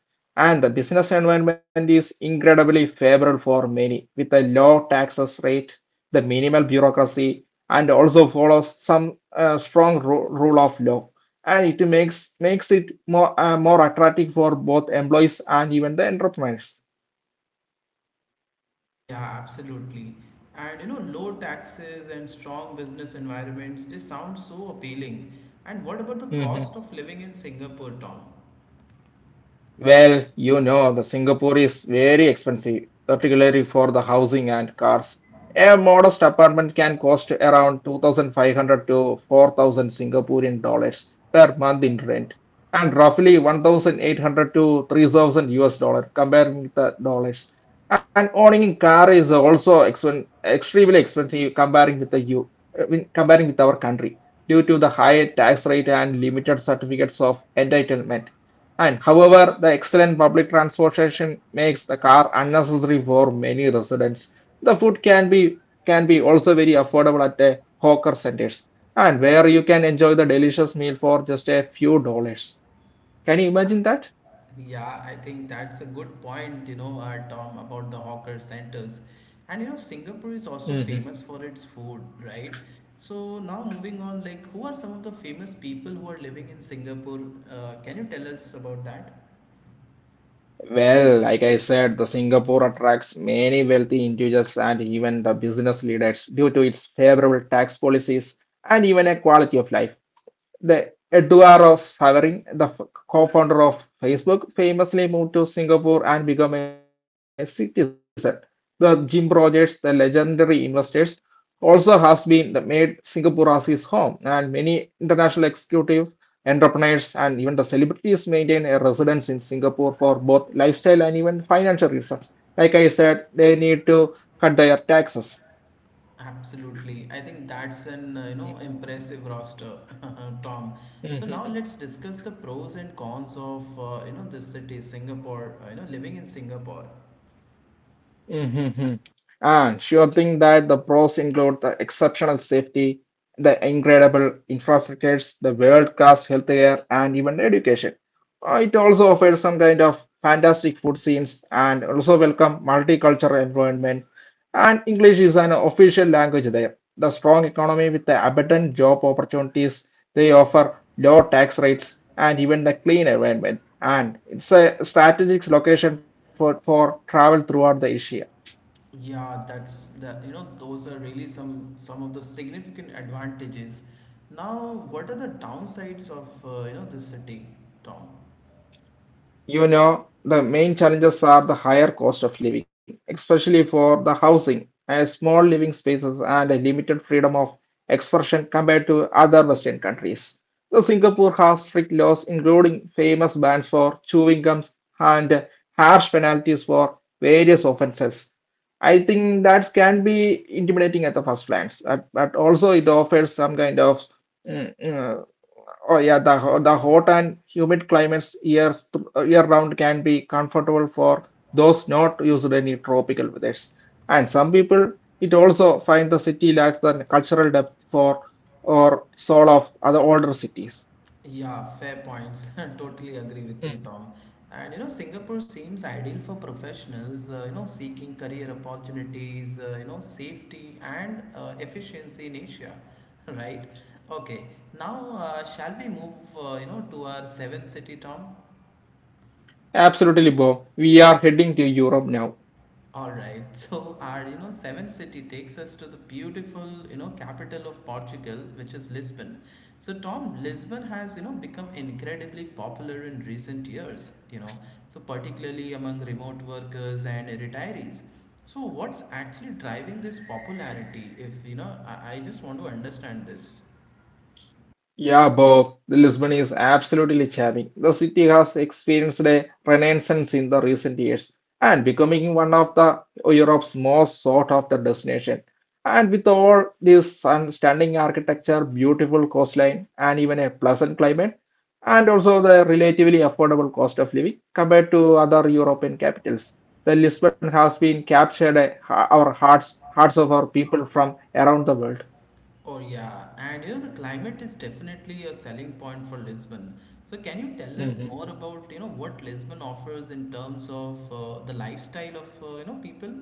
[SPEAKER 2] And the business environment is incredibly favorable for many, with a low taxes rate, the minimal bureaucracy, and also follows some strong rule of law, and it makes it more attractive for both employees and even the entrepreneurs.
[SPEAKER 1] Yeah, absolutely. And you know, low taxes and strong business environments, they sound so appealing. And what about the
[SPEAKER 2] Mhm.
[SPEAKER 1] cost of living in Singapore, Tom?
[SPEAKER 2] Well, you know, the Singapore is very expensive, particularly for the housing and cars. A modest apartment can cost around 2,500 to 4,000 Singaporean dollars per month in rent, and roughly 1,800 to 3,000 US dollar comparing with the dollars. And owning a car is also expen extremely expensive comparing with the U, when comparing with our country due to the high tax rate and limited certificates of entitlement. And however, the excellent public transportation makes the car unnecessary for many residents. The food can be also very affordable at the hawker centers, and where you can enjoy the delicious meal for just a few dollars. Can you imagine that?
[SPEAKER 1] Yeah, I think that's a good point, Tom, about the hawker centers. And you know, Singapore
[SPEAKER 2] Hmm.
[SPEAKER 1] is also famous for its food, right? So now moving on, like, who are some of the famous people who are living in Singapore? Can you tell us about that?
[SPEAKER 2] Well, like I said, the Singapore attracts many wealthy individuals and even the business leaders due to its favorable tax policies and even a quality of life. The Eduardo Savering, the co-founder of Facebook, famously moved to Singapore and became a citizen. The Jim Rogers, the legendary investors, also has been made Singapore as his home, and many international executives, entrepreneurs, and even the celebrities maintain a residence in Singapore for both lifestyle and even financial reasons. Like I said, they need to cut their taxes.
[SPEAKER 1] Absolutely. I think that's an, impressive roster, Tom. So now let's
[SPEAKER 2] hmm
[SPEAKER 1] discuss the pros and cons of, this city, Singapore, living in Singapore.
[SPEAKER 2] hmm And sure thing that the pros include the exceptional safety, the incredible infrastructures, the world-class healthcare, and even education. It also offers some kind of fantastic food scenes and also welcome multicultural environment. And English is an official language there. The strong economy with the abundant job opportunities, they offer low tax rates and even the clean environment. And it's a strategic location for travel throughout the Asia.
[SPEAKER 1] Yeah, that's that, those are really some of the significant advantages. Now, what are the downsides of, this city, Tom?
[SPEAKER 2] You know, the main challenges are the higher cost of living, especially for the housing, and small living spaces and a limited freedom of expression compared to other Western countries. So Singapore has strict laws, including famous bans for chewing gums and harsh penalties for various offenses. I think that can be intimidating at the first glance, but also it offers some kind of mm, uh, oh yeah, the hot and humid climates years year round can be comfortable for those not used to any tropical weathers. And some people it also find the city lacks the cultural depth for or soul of other older cities.
[SPEAKER 1] Yeah, fair points. Totally agree with you,
[SPEAKER 2] Mm.
[SPEAKER 1] Tom. And you know, Singapore seems ideal for professionals, seeking career opportunities, safety and efficiency in Asia, right? Okay, now shall we move, to our seventh city, Tom?
[SPEAKER 2] Absolutely, Bob. We are heading to Europe now.
[SPEAKER 1] All right. So our, seventh city takes us to the beautiful, capital of Portugal, which is Lisbon. So Tom, Lisbon has, become incredibly popular in recent years. You know, so particularly among remote workers and retirees. So what's actually driving this popularity? If you know, I just want to understand this.
[SPEAKER 2] Yeah, Bob, Lisbon is absolutely charming. The city has experienced a renaissance in the recent years and becoming one of the Europe's most sought-after destination. And with all this sun- Stunning architecture, beautiful coastline, and even a pleasant climate, and also the relatively affordable cost of living compared to other European capitals, the Lisbon has been captured hearts of our people from around the world.
[SPEAKER 1] Oh yeah, and you know the climate is definitely a selling point for Lisbon. So can you tell us
[SPEAKER 2] Mhm.
[SPEAKER 1] more about what Lisbon offers in terms of the lifestyle of people?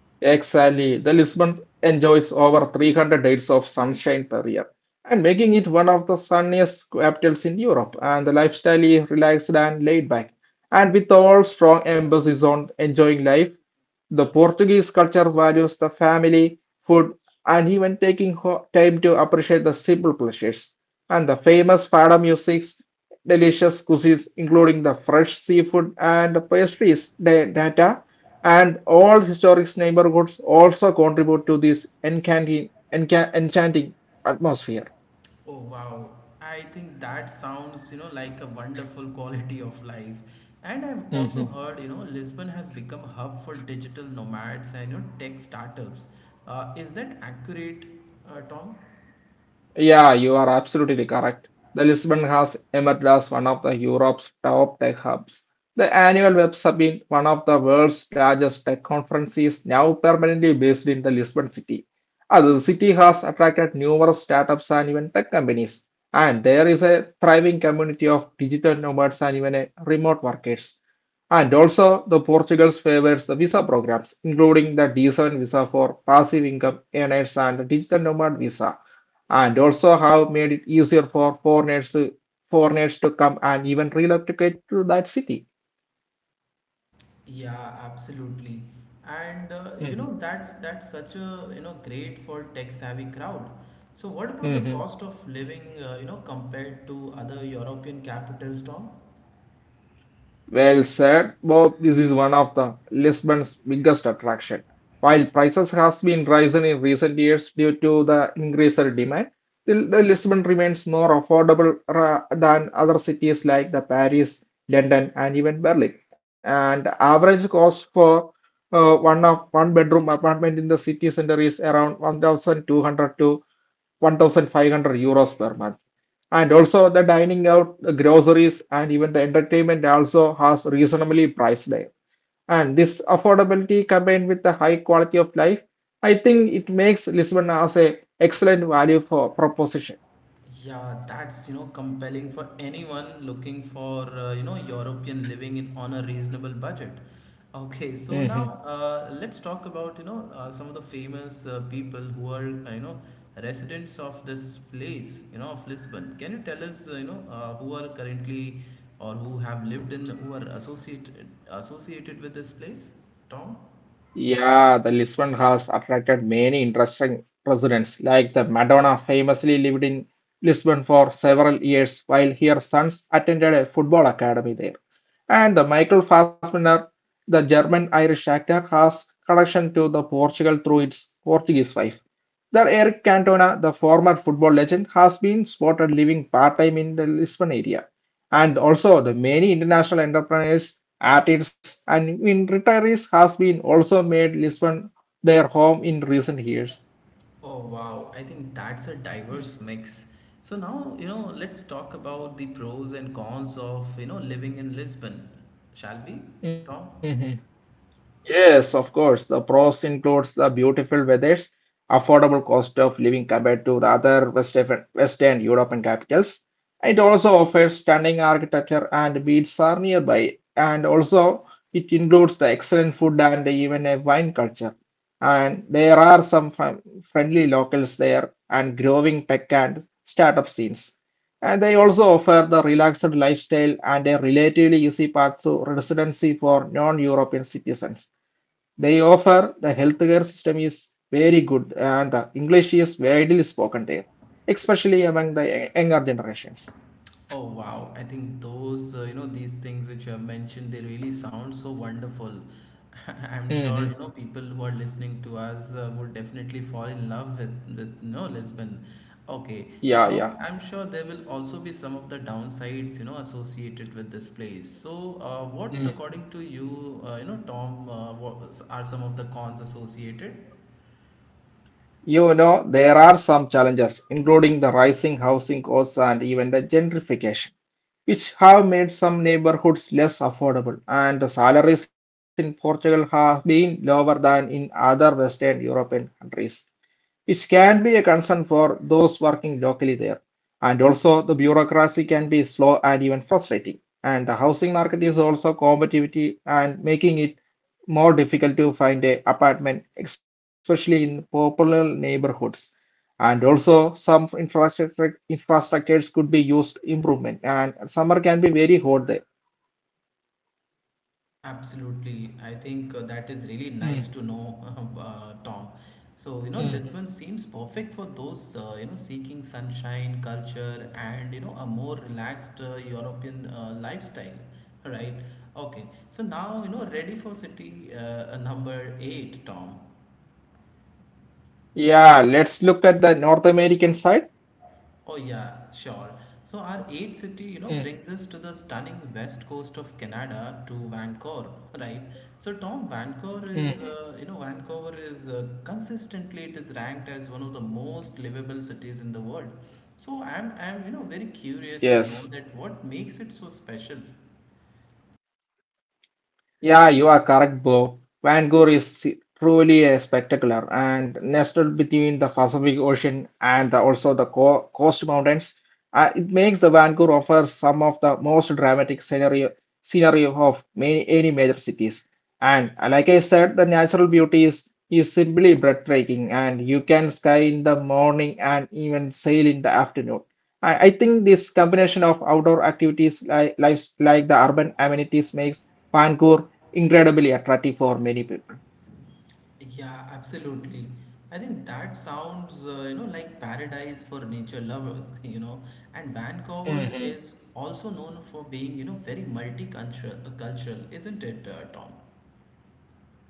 [SPEAKER 2] Exactly. The Lisbon enjoys over 300 days of sunshine per year and making it one of the sunniest capitals in Europe. And the lifestyle is relaxed and laid back. And with all strong emphasis on enjoying life, the Portuguese culture values the family, food, and even time to appreciate the simple pleasures. And the famous fado music's delicious cuisines, including the fresh seafood and pastries, da- data and all historic neighborhoods also contribute to this enchanting atmosphere.
[SPEAKER 1] Oh wow, I think that sounds like a wonderful quality of life. And I've also heard Lisbon has become a hub for digital nomads and tech startups. Is that accurate, Tom?
[SPEAKER 2] Yeah, you are absolutely correct. The Lisbon has emerged as one of the Europe's top tech hubs. The annual Web Summit, one of the world's largest tech conferences, now permanently based in the Lisbon city. The city has attracted numerous startups and even tech companies, and there is a thriving community of digital nomads and even remote workers. And also, the Portugal's favors the visa programs, including the D7 visa for passive income earners and the digital nomad visa and also have made it easier for foreigners to come and even relocate to that city.
[SPEAKER 1] Yeah, absolutely. And you
[SPEAKER 2] Hmm.
[SPEAKER 1] know that's such a, great for tech savvy crowd. So what about the
[SPEAKER 2] Hmm.
[SPEAKER 1] cost of living you know compared to other European capitals, Tom?
[SPEAKER 2] Well said, Bob. This is one of the Lisbon's biggest attraction. While prices has been rising in recent years due to the increased demand, the Lisbon remains more affordable than other cities like the Paris, London, and even Berlin. And the average cost for one bedroom apartment in the city center is around 1,200 to 1,500 euros per month. And also the dining out, the groceries, and even the entertainment also has reasonably priced there. And this affordability combined with the high quality of life, I think it makes Lisbon as a excellent value for proposition.
[SPEAKER 1] Yeah, that's compelling for anyone looking for European living in on a reasonable budget. Okay, so
[SPEAKER 2] Mhm.
[SPEAKER 1] now let's talk about some of the famous people who are residents of this place, of Lisbon. Can you tell us, who are currently or who have lived in, who are associated with this place, Tom?
[SPEAKER 2] Yeah, the Lisbon has attracted many interesting residents, like the Madonna famously lived in Lisbon for several years while her sons attended a football academy there. And the Michael Fassbender, the German-Irish actor, has connection to the Portugal through its Portuguese wife. That Eric Cantona, the former football legend, has been spotted living part-time in the Lisbon area. And also the many international entrepreneurs, artists, and in retirees has been also made Lisbon their home in recent years.
[SPEAKER 1] Oh wow, I think that's a diverse mix. So now, let's talk about the pros and cons of, you know, living in Lisbon. Shall we,
[SPEAKER 2] Mhm.
[SPEAKER 1] Tom?
[SPEAKER 2] Yes, of course. The pros includes the beautiful weathers, affordable cost of living compared to the other Western European capitals. It also offers stunning architecture and beaches are nearby. And also, it includes the excellent food and even a wine culture. And there are some friendly locals there and growing tech and startup scenes. And they also offer the relaxed lifestyle and a relatively easy path to residency for non-European citizens. They offer the healthcare system is very good and the English is widely spoken there, especially among the younger generations.
[SPEAKER 1] Oh wow, I think those, these things which you have mentioned, they really sound so wonderful. I'm sure,
[SPEAKER 2] Hmm.
[SPEAKER 1] people who are listening to us would definitely fall in love with Lisbon. Okay,
[SPEAKER 2] Yeah,
[SPEAKER 1] now
[SPEAKER 2] yeah.
[SPEAKER 1] I'm sure there will also be some of the downsides, associated with this place. So, what, according to you, Tom, what are some of the cons associated?
[SPEAKER 2] You know, there are some challenges, including the rising housing costs and even the gentrification, which have made some neighborhoods less affordable, and the salaries in Portugal have been lower than in other Western European countries, which can be a concern for those working locally there. And also, the bureaucracy can be slow and even frustrating, and the housing market is also competitive and making it more difficult to find an apartment, especially in popular neighborhoods. And also some infrastructures could be used improvement and summer can be very hot there.
[SPEAKER 1] Absolutely. I think that is really nice to know,
[SPEAKER 2] Mm.
[SPEAKER 1] Tom. So, Lisbon
[SPEAKER 2] Mhm.
[SPEAKER 1] seems perfect for those, seeking sunshine, culture, and, a more relaxed European lifestyle, right? Okay. So now, ready for city number eight, Tom.
[SPEAKER 2] Yeah, let's look at the North American side.
[SPEAKER 1] Oh yeah, sure. So our eighth city, brings
[SPEAKER 2] Mm.
[SPEAKER 1] us to the stunning west coast of Canada to Vancouver, right? So Tom, Vancouver
[SPEAKER 2] Mhm.
[SPEAKER 1] is, uh, you know, Vancouver is consistently it is ranked as one of the most livable cities in the world. So I'm very
[SPEAKER 2] Yes.
[SPEAKER 1] curious to know that what makes it so special.
[SPEAKER 2] Yeah, you are correct, bro. Vancouver is truly a spectacular and nestled between the Pacific Ocean and also the co coast mountains. It makes the Vancouver offer some of the most dramatic scenario scenery of any major cities. And like I said, the natural beauty is simply breathtaking, and you can sky in the morning and even sail in the afternoon. I think this combination of outdoor activities like the urban amenities makes Kanpur incredibly attractive for many people.
[SPEAKER 1] Yeah, absolutely. I think that sounds, like paradise for nature lovers, . And Vancouver is
[SPEAKER 2] Hmm.
[SPEAKER 1] also known for being, very multicultural, cultural, isn't it, Tom?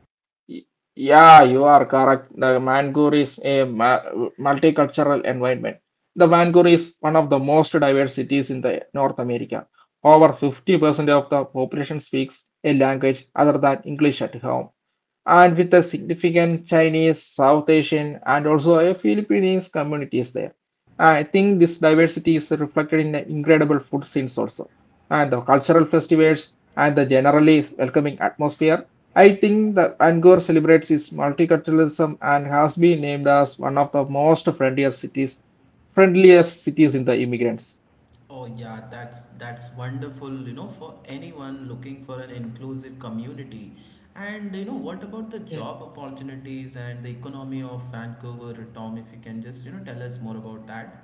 [SPEAKER 2] Y- Yeah, you are correct. The Vancouver is a multicultural environment. The Vancouver is one of the most diverse cities in the North America. Over 50% of the population speaks a language other than English at home. And with a significant Chinese, South Asian, and also a Philippines communities there. I think this diversity is reflected in the incredible food scenes also, and the cultural festivals and the generally welcoming atmosphere. I think that Angkor celebrates its multiculturalism and has been named as one of the most friendliest cities in the immigrants.
[SPEAKER 1] Oh yeah, that's wonderful, for anyone looking for an inclusive community. And what about the job opportunities and the economy of Vancouver, Tom? If you can just, tell us more about that.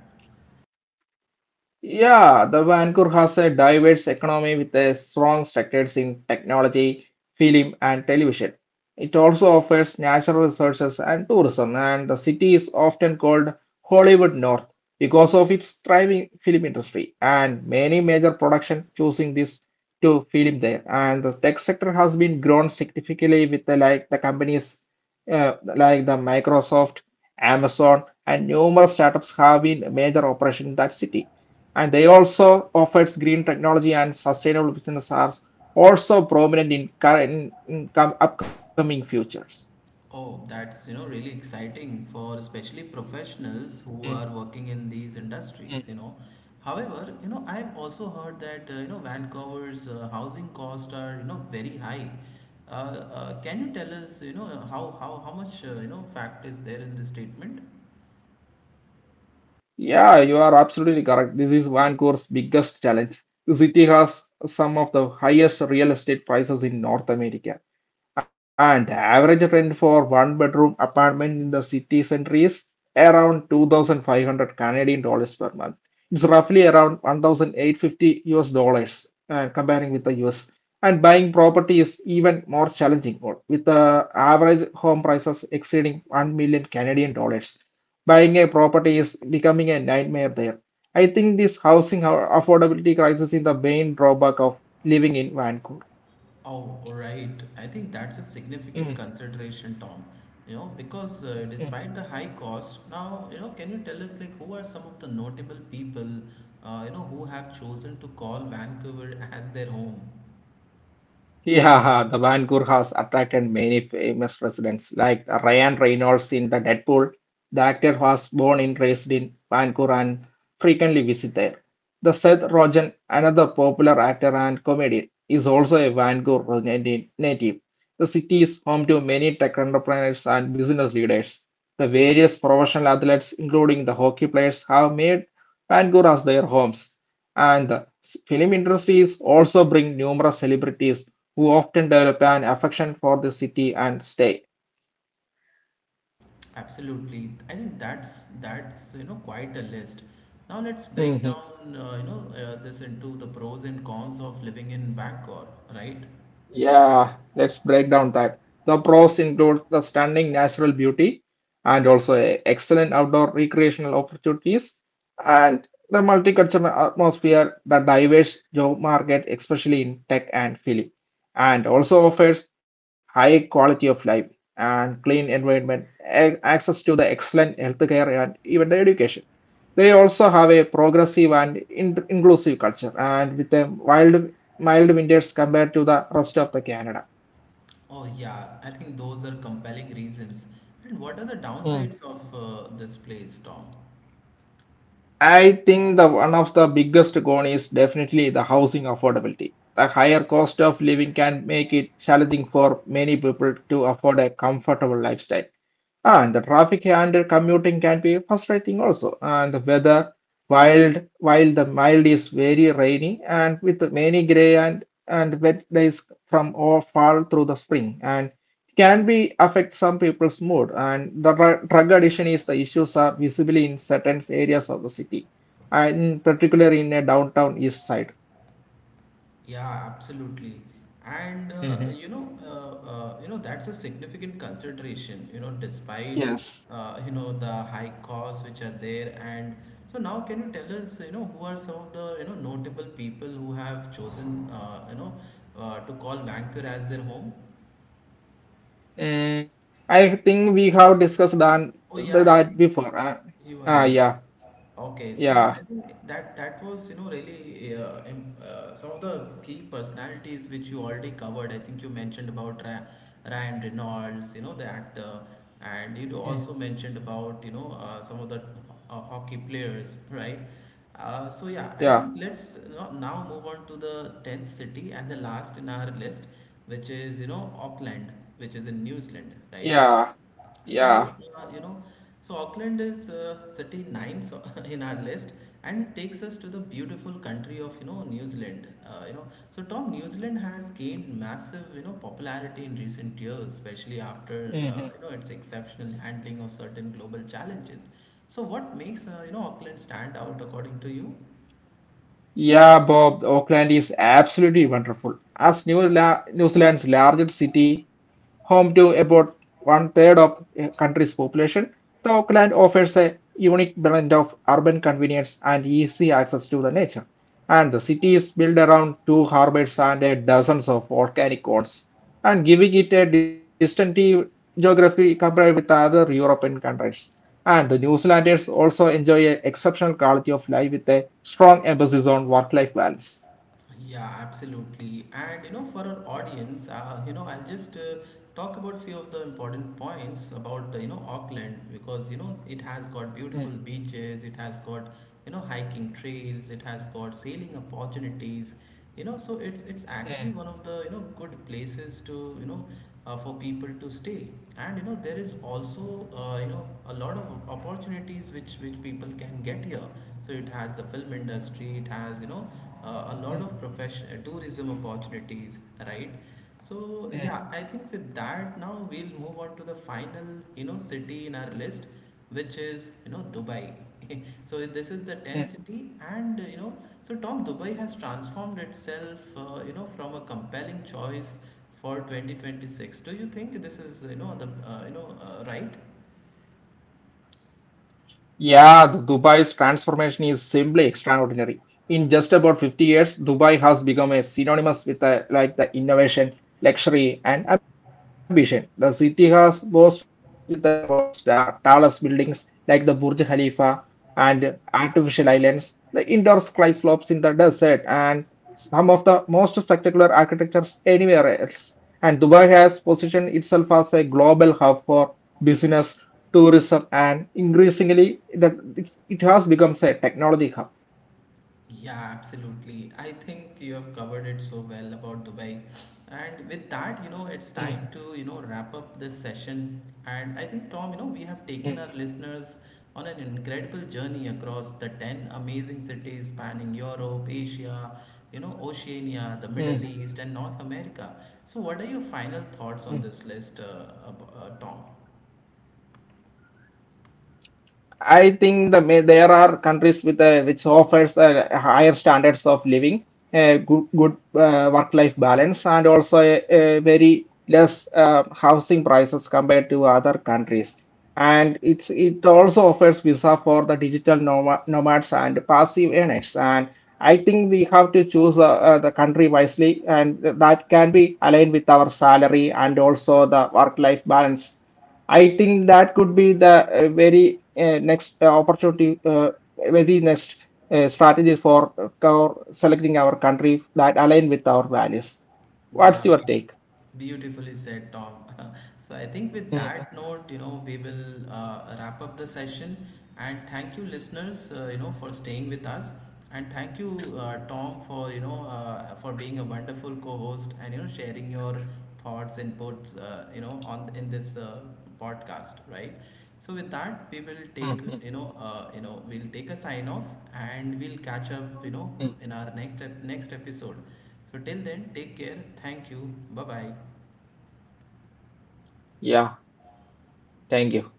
[SPEAKER 2] Yeah, the Vancouver has a diverse economy with a strong sectors in technology, film, and television. It also offers natural resources and tourism, and the city is often called Hollywood North because of its thriving film industry and many major production choosing this to film there. And the tech sector has been grown significantly with like the companies like the Microsoft, Amazon, and numerous startups have been major operation in that city, and they also offers green technology and sustainable business are also prominent in current upcoming futures.
[SPEAKER 1] Oh, that's, really exciting for especially professionals
[SPEAKER 2] Mm.
[SPEAKER 1] who are working in these
[SPEAKER 2] Mm.
[SPEAKER 1] industries. However, I've also heard that, Vancouver's housing costs are, very high. Can you tell us, how much, fact is there in this statement?
[SPEAKER 2] Yeah, you are absolutely correct. This is Vancouver's biggest challenge. The city has some of the highest real estate prices in North America. And the average rent for one bedroom apartment in the city center is around 2,500 Canadian dollars per month. It's roughly around 1,850 US dollars, comparing with the US, and buying property is even more challenging with the average home prices exceeding 1 million Canadian dollars. Buying a property is becoming a nightmare there. I think this housing affordability crisis is the main drawback of living in Vancouver.
[SPEAKER 1] Oh, right. I think that's a significant
[SPEAKER 2] Mm.
[SPEAKER 1] consideration, Tom. Because
[SPEAKER 2] Mm.
[SPEAKER 1] despite the high cost, now, can you tell us like who are some of the notable people, who have chosen to call Vancouver as their home?
[SPEAKER 2] Yeah, the Van Gogh has attracted many famous residents, like Ryan Reynolds in the Deadpool. The actor was born and raised in Van Gogh and frequently visit there. The Seth Rogen, another popular actor and comedian, is also a Van Gogh native. The city is home to many tech entrepreneurs and business leaders. The various professional athletes, including the hockey players, have made Van Gogh as their homes. And the film industry is also bring numerous celebrities who often develop an affection for the city and stay.
[SPEAKER 1] Absolutely. I think that's quite a list. Now let's break
[SPEAKER 2] Mhm.
[SPEAKER 1] down, this into the pros and cons of living in Vancouver, right?
[SPEAKER 2] Yeah, let's break down that. The pros include the stunning natural beauty and also excellent outdoor recreational opportunities and the multicultural atmosphere, the diverse job market, especially in tech and film, and also offers high quality of life and clean environment, access to the excellent healthcare and even the education. They also have a progressive and inclusive culture, and with a wild mild winters compared to the rest of the Canada.
[SPEAKER 1] Oh, yeah, I think those are compelling reasons. And what are the
[SPEAKER 2] Mm.
[SPEAKER 1] downsides of this place, Tom?
[SPEAKER 2] I think the one of the biggest con is definitely the housing affordability. The higher cost of living can make it challenging for many people to afford a comfortable lifestyle. And the traffic and commuting can be frustrating also. And the weather, while the mild is very rainy and with many gray and wet days from all fall through the spring. And can be affect some people's mood and the drug addiction is the issues are visibly in certain areas of the city and particularly in a Downtown East Side.
[SPEAKER 1] Yeah, absolutely. And
[SPEAKER 2] Mhm.
[SPEAKER 1] that's a significant consideration. Despite
[SPEAKER 2] Yes.
[SPEAKER 1] the high costs which are there, and so now can you tell us, who are some of the notable people who have chosen, to call Vancouver as their home?
[SPEAKER 2] Mm, I think we have discussed that,
[SPEAKER 1] Oh yeah, I
[SPEAKER 2] that
[SPEAKER 1] think
[SPEAKER 2] before. Uh,
[SPEAKER 1] you are
[SPEAKER 2] ah,
[SPEAKER 1] right.
[SPEAKER 2] yeah,
[SPEAKER 1] Okay, so
[SPEAKER 2] yeah,
[SPEAKER 1] I think that was really some of the key personalities which you already covered. I think you mentioned about Ra Ryan Reynolds, you know, the actor,
[SPEAKER 2] mm,
[SPEAKER 1] and you also mentioned about some of the hockey players, right? So yeah, I
[SPEAKER 2] yeah,
[SPEAKER 1] think let's now move on to the 10th city and the last in our list, which is Auckland, which is in New Zealand, right?
[SPEAKER 2] yeah, yeah.
[SPEAKER 1] So, Auckland is city nine so in our list and takes us to the beautiful country of, New Zealand. So Tom, New Zealand has gained massive, popularity in recent years, especially after,
[SPEAKER 2] Mhm.
[SPEAKER 1] its exceptional handling of certain global challenges. So what makes, Auckland stand out according to you?
[SPEAKER 2] Yeah, Bob, Auckland is absolutely wonderful. As New Zealand's largest city, home to about one third of the country's population, the Auckland offers a unique blend of urban convenience and easy access to the nature. And the city is built around two harbors and a dozens of volcanic cones, and giving it a distinctive geography compared with other European countries. And the New Zealanders also enjoy an exceptional quality of life with a strong emphasis on work life balance.
[SPEAKER 1] Yeah, absolutely. And for our audience, I'll just talk about few of the important points about Auckland because it has got
[SPEAKER 2] Mm.
[SPEAKER 1] beautiful beaches, it has got hiking trails, it has got sailing opportunities. So it's actually one of
[SPEAKER 2] Mm.
[SPEAKER 1] the good places to you know for people to stay. And there is also a lot of opportunities which people can get here. So it has the film industry, it has a lot of
[SPEAKER 2] Mm.
[SPEAKER 1] profession tourism opportunities, right? So yeah, I
[SPEAKER 2] Mm.
[SPEAKER 1] think with that now we'll move on to the final city in our list, which is Dubai. So this is the 10th city.
[SPEAKER 2] Mm.
[SPEAKER 1] And so Tom, Dubai has transformed itself from a compelling choice for 2026. Do you think this is the right?
[SPEAKER 2] Yeah, the Dubai's transformation is simply extraordinary. In just about 50 years, Dubai has become a synonymous with like the innovation, luxury, and ambition. The city has boasts with the world's tallest buildings like the Burj Khalifa and artificial islands, the indoor sky slopes in the desert, and some of the most spectacular architectures anywhere else. And Dubai has positioned itself as a global hub for business, tourism, and increasingly, that it has become a technology hub.
[SPEAKER 1] Yeah, absolutely. I think you have covered it so well about Dubai. And with that, it's time to, you know,
[SPEAKER 2] Mhm.
[SPEAKER 1] wrap up this session. And I think, Tom, we have taken our
[SPEAKER 2] Mhm.
[SPEAKER 1] listeners on an incredible journey across the 10 amazing cities spanning Europe, Asia, Oceania, the Middle East, and
[SPEAKER 2] Mhm.
[SPEAKER 1] North America. So, what are your final thoughts on this list,
[SPEAKER 2] Mhm.
[SPEAKER 1] Tom?
[SPEAKER 2] I think there are countries with which offers higher standards of living, a good work-life balance, and also a very less housing prices compared to other countries. And it also offers visa for the digital nomads and passive earners. And I think we have to choose the country wisely, and that can be aligned with our salary and also the work-life balance. I think that could be the very next opportunity, very next strategies for selecting our country that align with our values.
[SPEAKER 1] Yeah,
[SPEAKER 2] What's your take?
[SPEAKER 1] beautifully said, Tom. So I think with that
[SPEAKER 2] Mhm.
[SPEAKER 1] note, you
[SPEAKER 2] Mhm.
[SPEAKER 1] know, we will wrap up the session. And thank you, listeners, for staying with us. And thank you, Tom, for being a wonderful co-host and sharing your thoughts, inputs, on in this podcast, right? So with that, we will
[SPEAKER 2] Mm.
[SPEAKER 1] take
[SPEAKER 2] Mm.
[SPEAKER 1] you know, we'll take a sign off, and we'll catch up, in
[SPEAKER 2] Mm.
[SPEAKER 1] our next next episode. So, till then, take care. Thank you. Bye bye.
[SPEAKER 2] Yeah, thank you.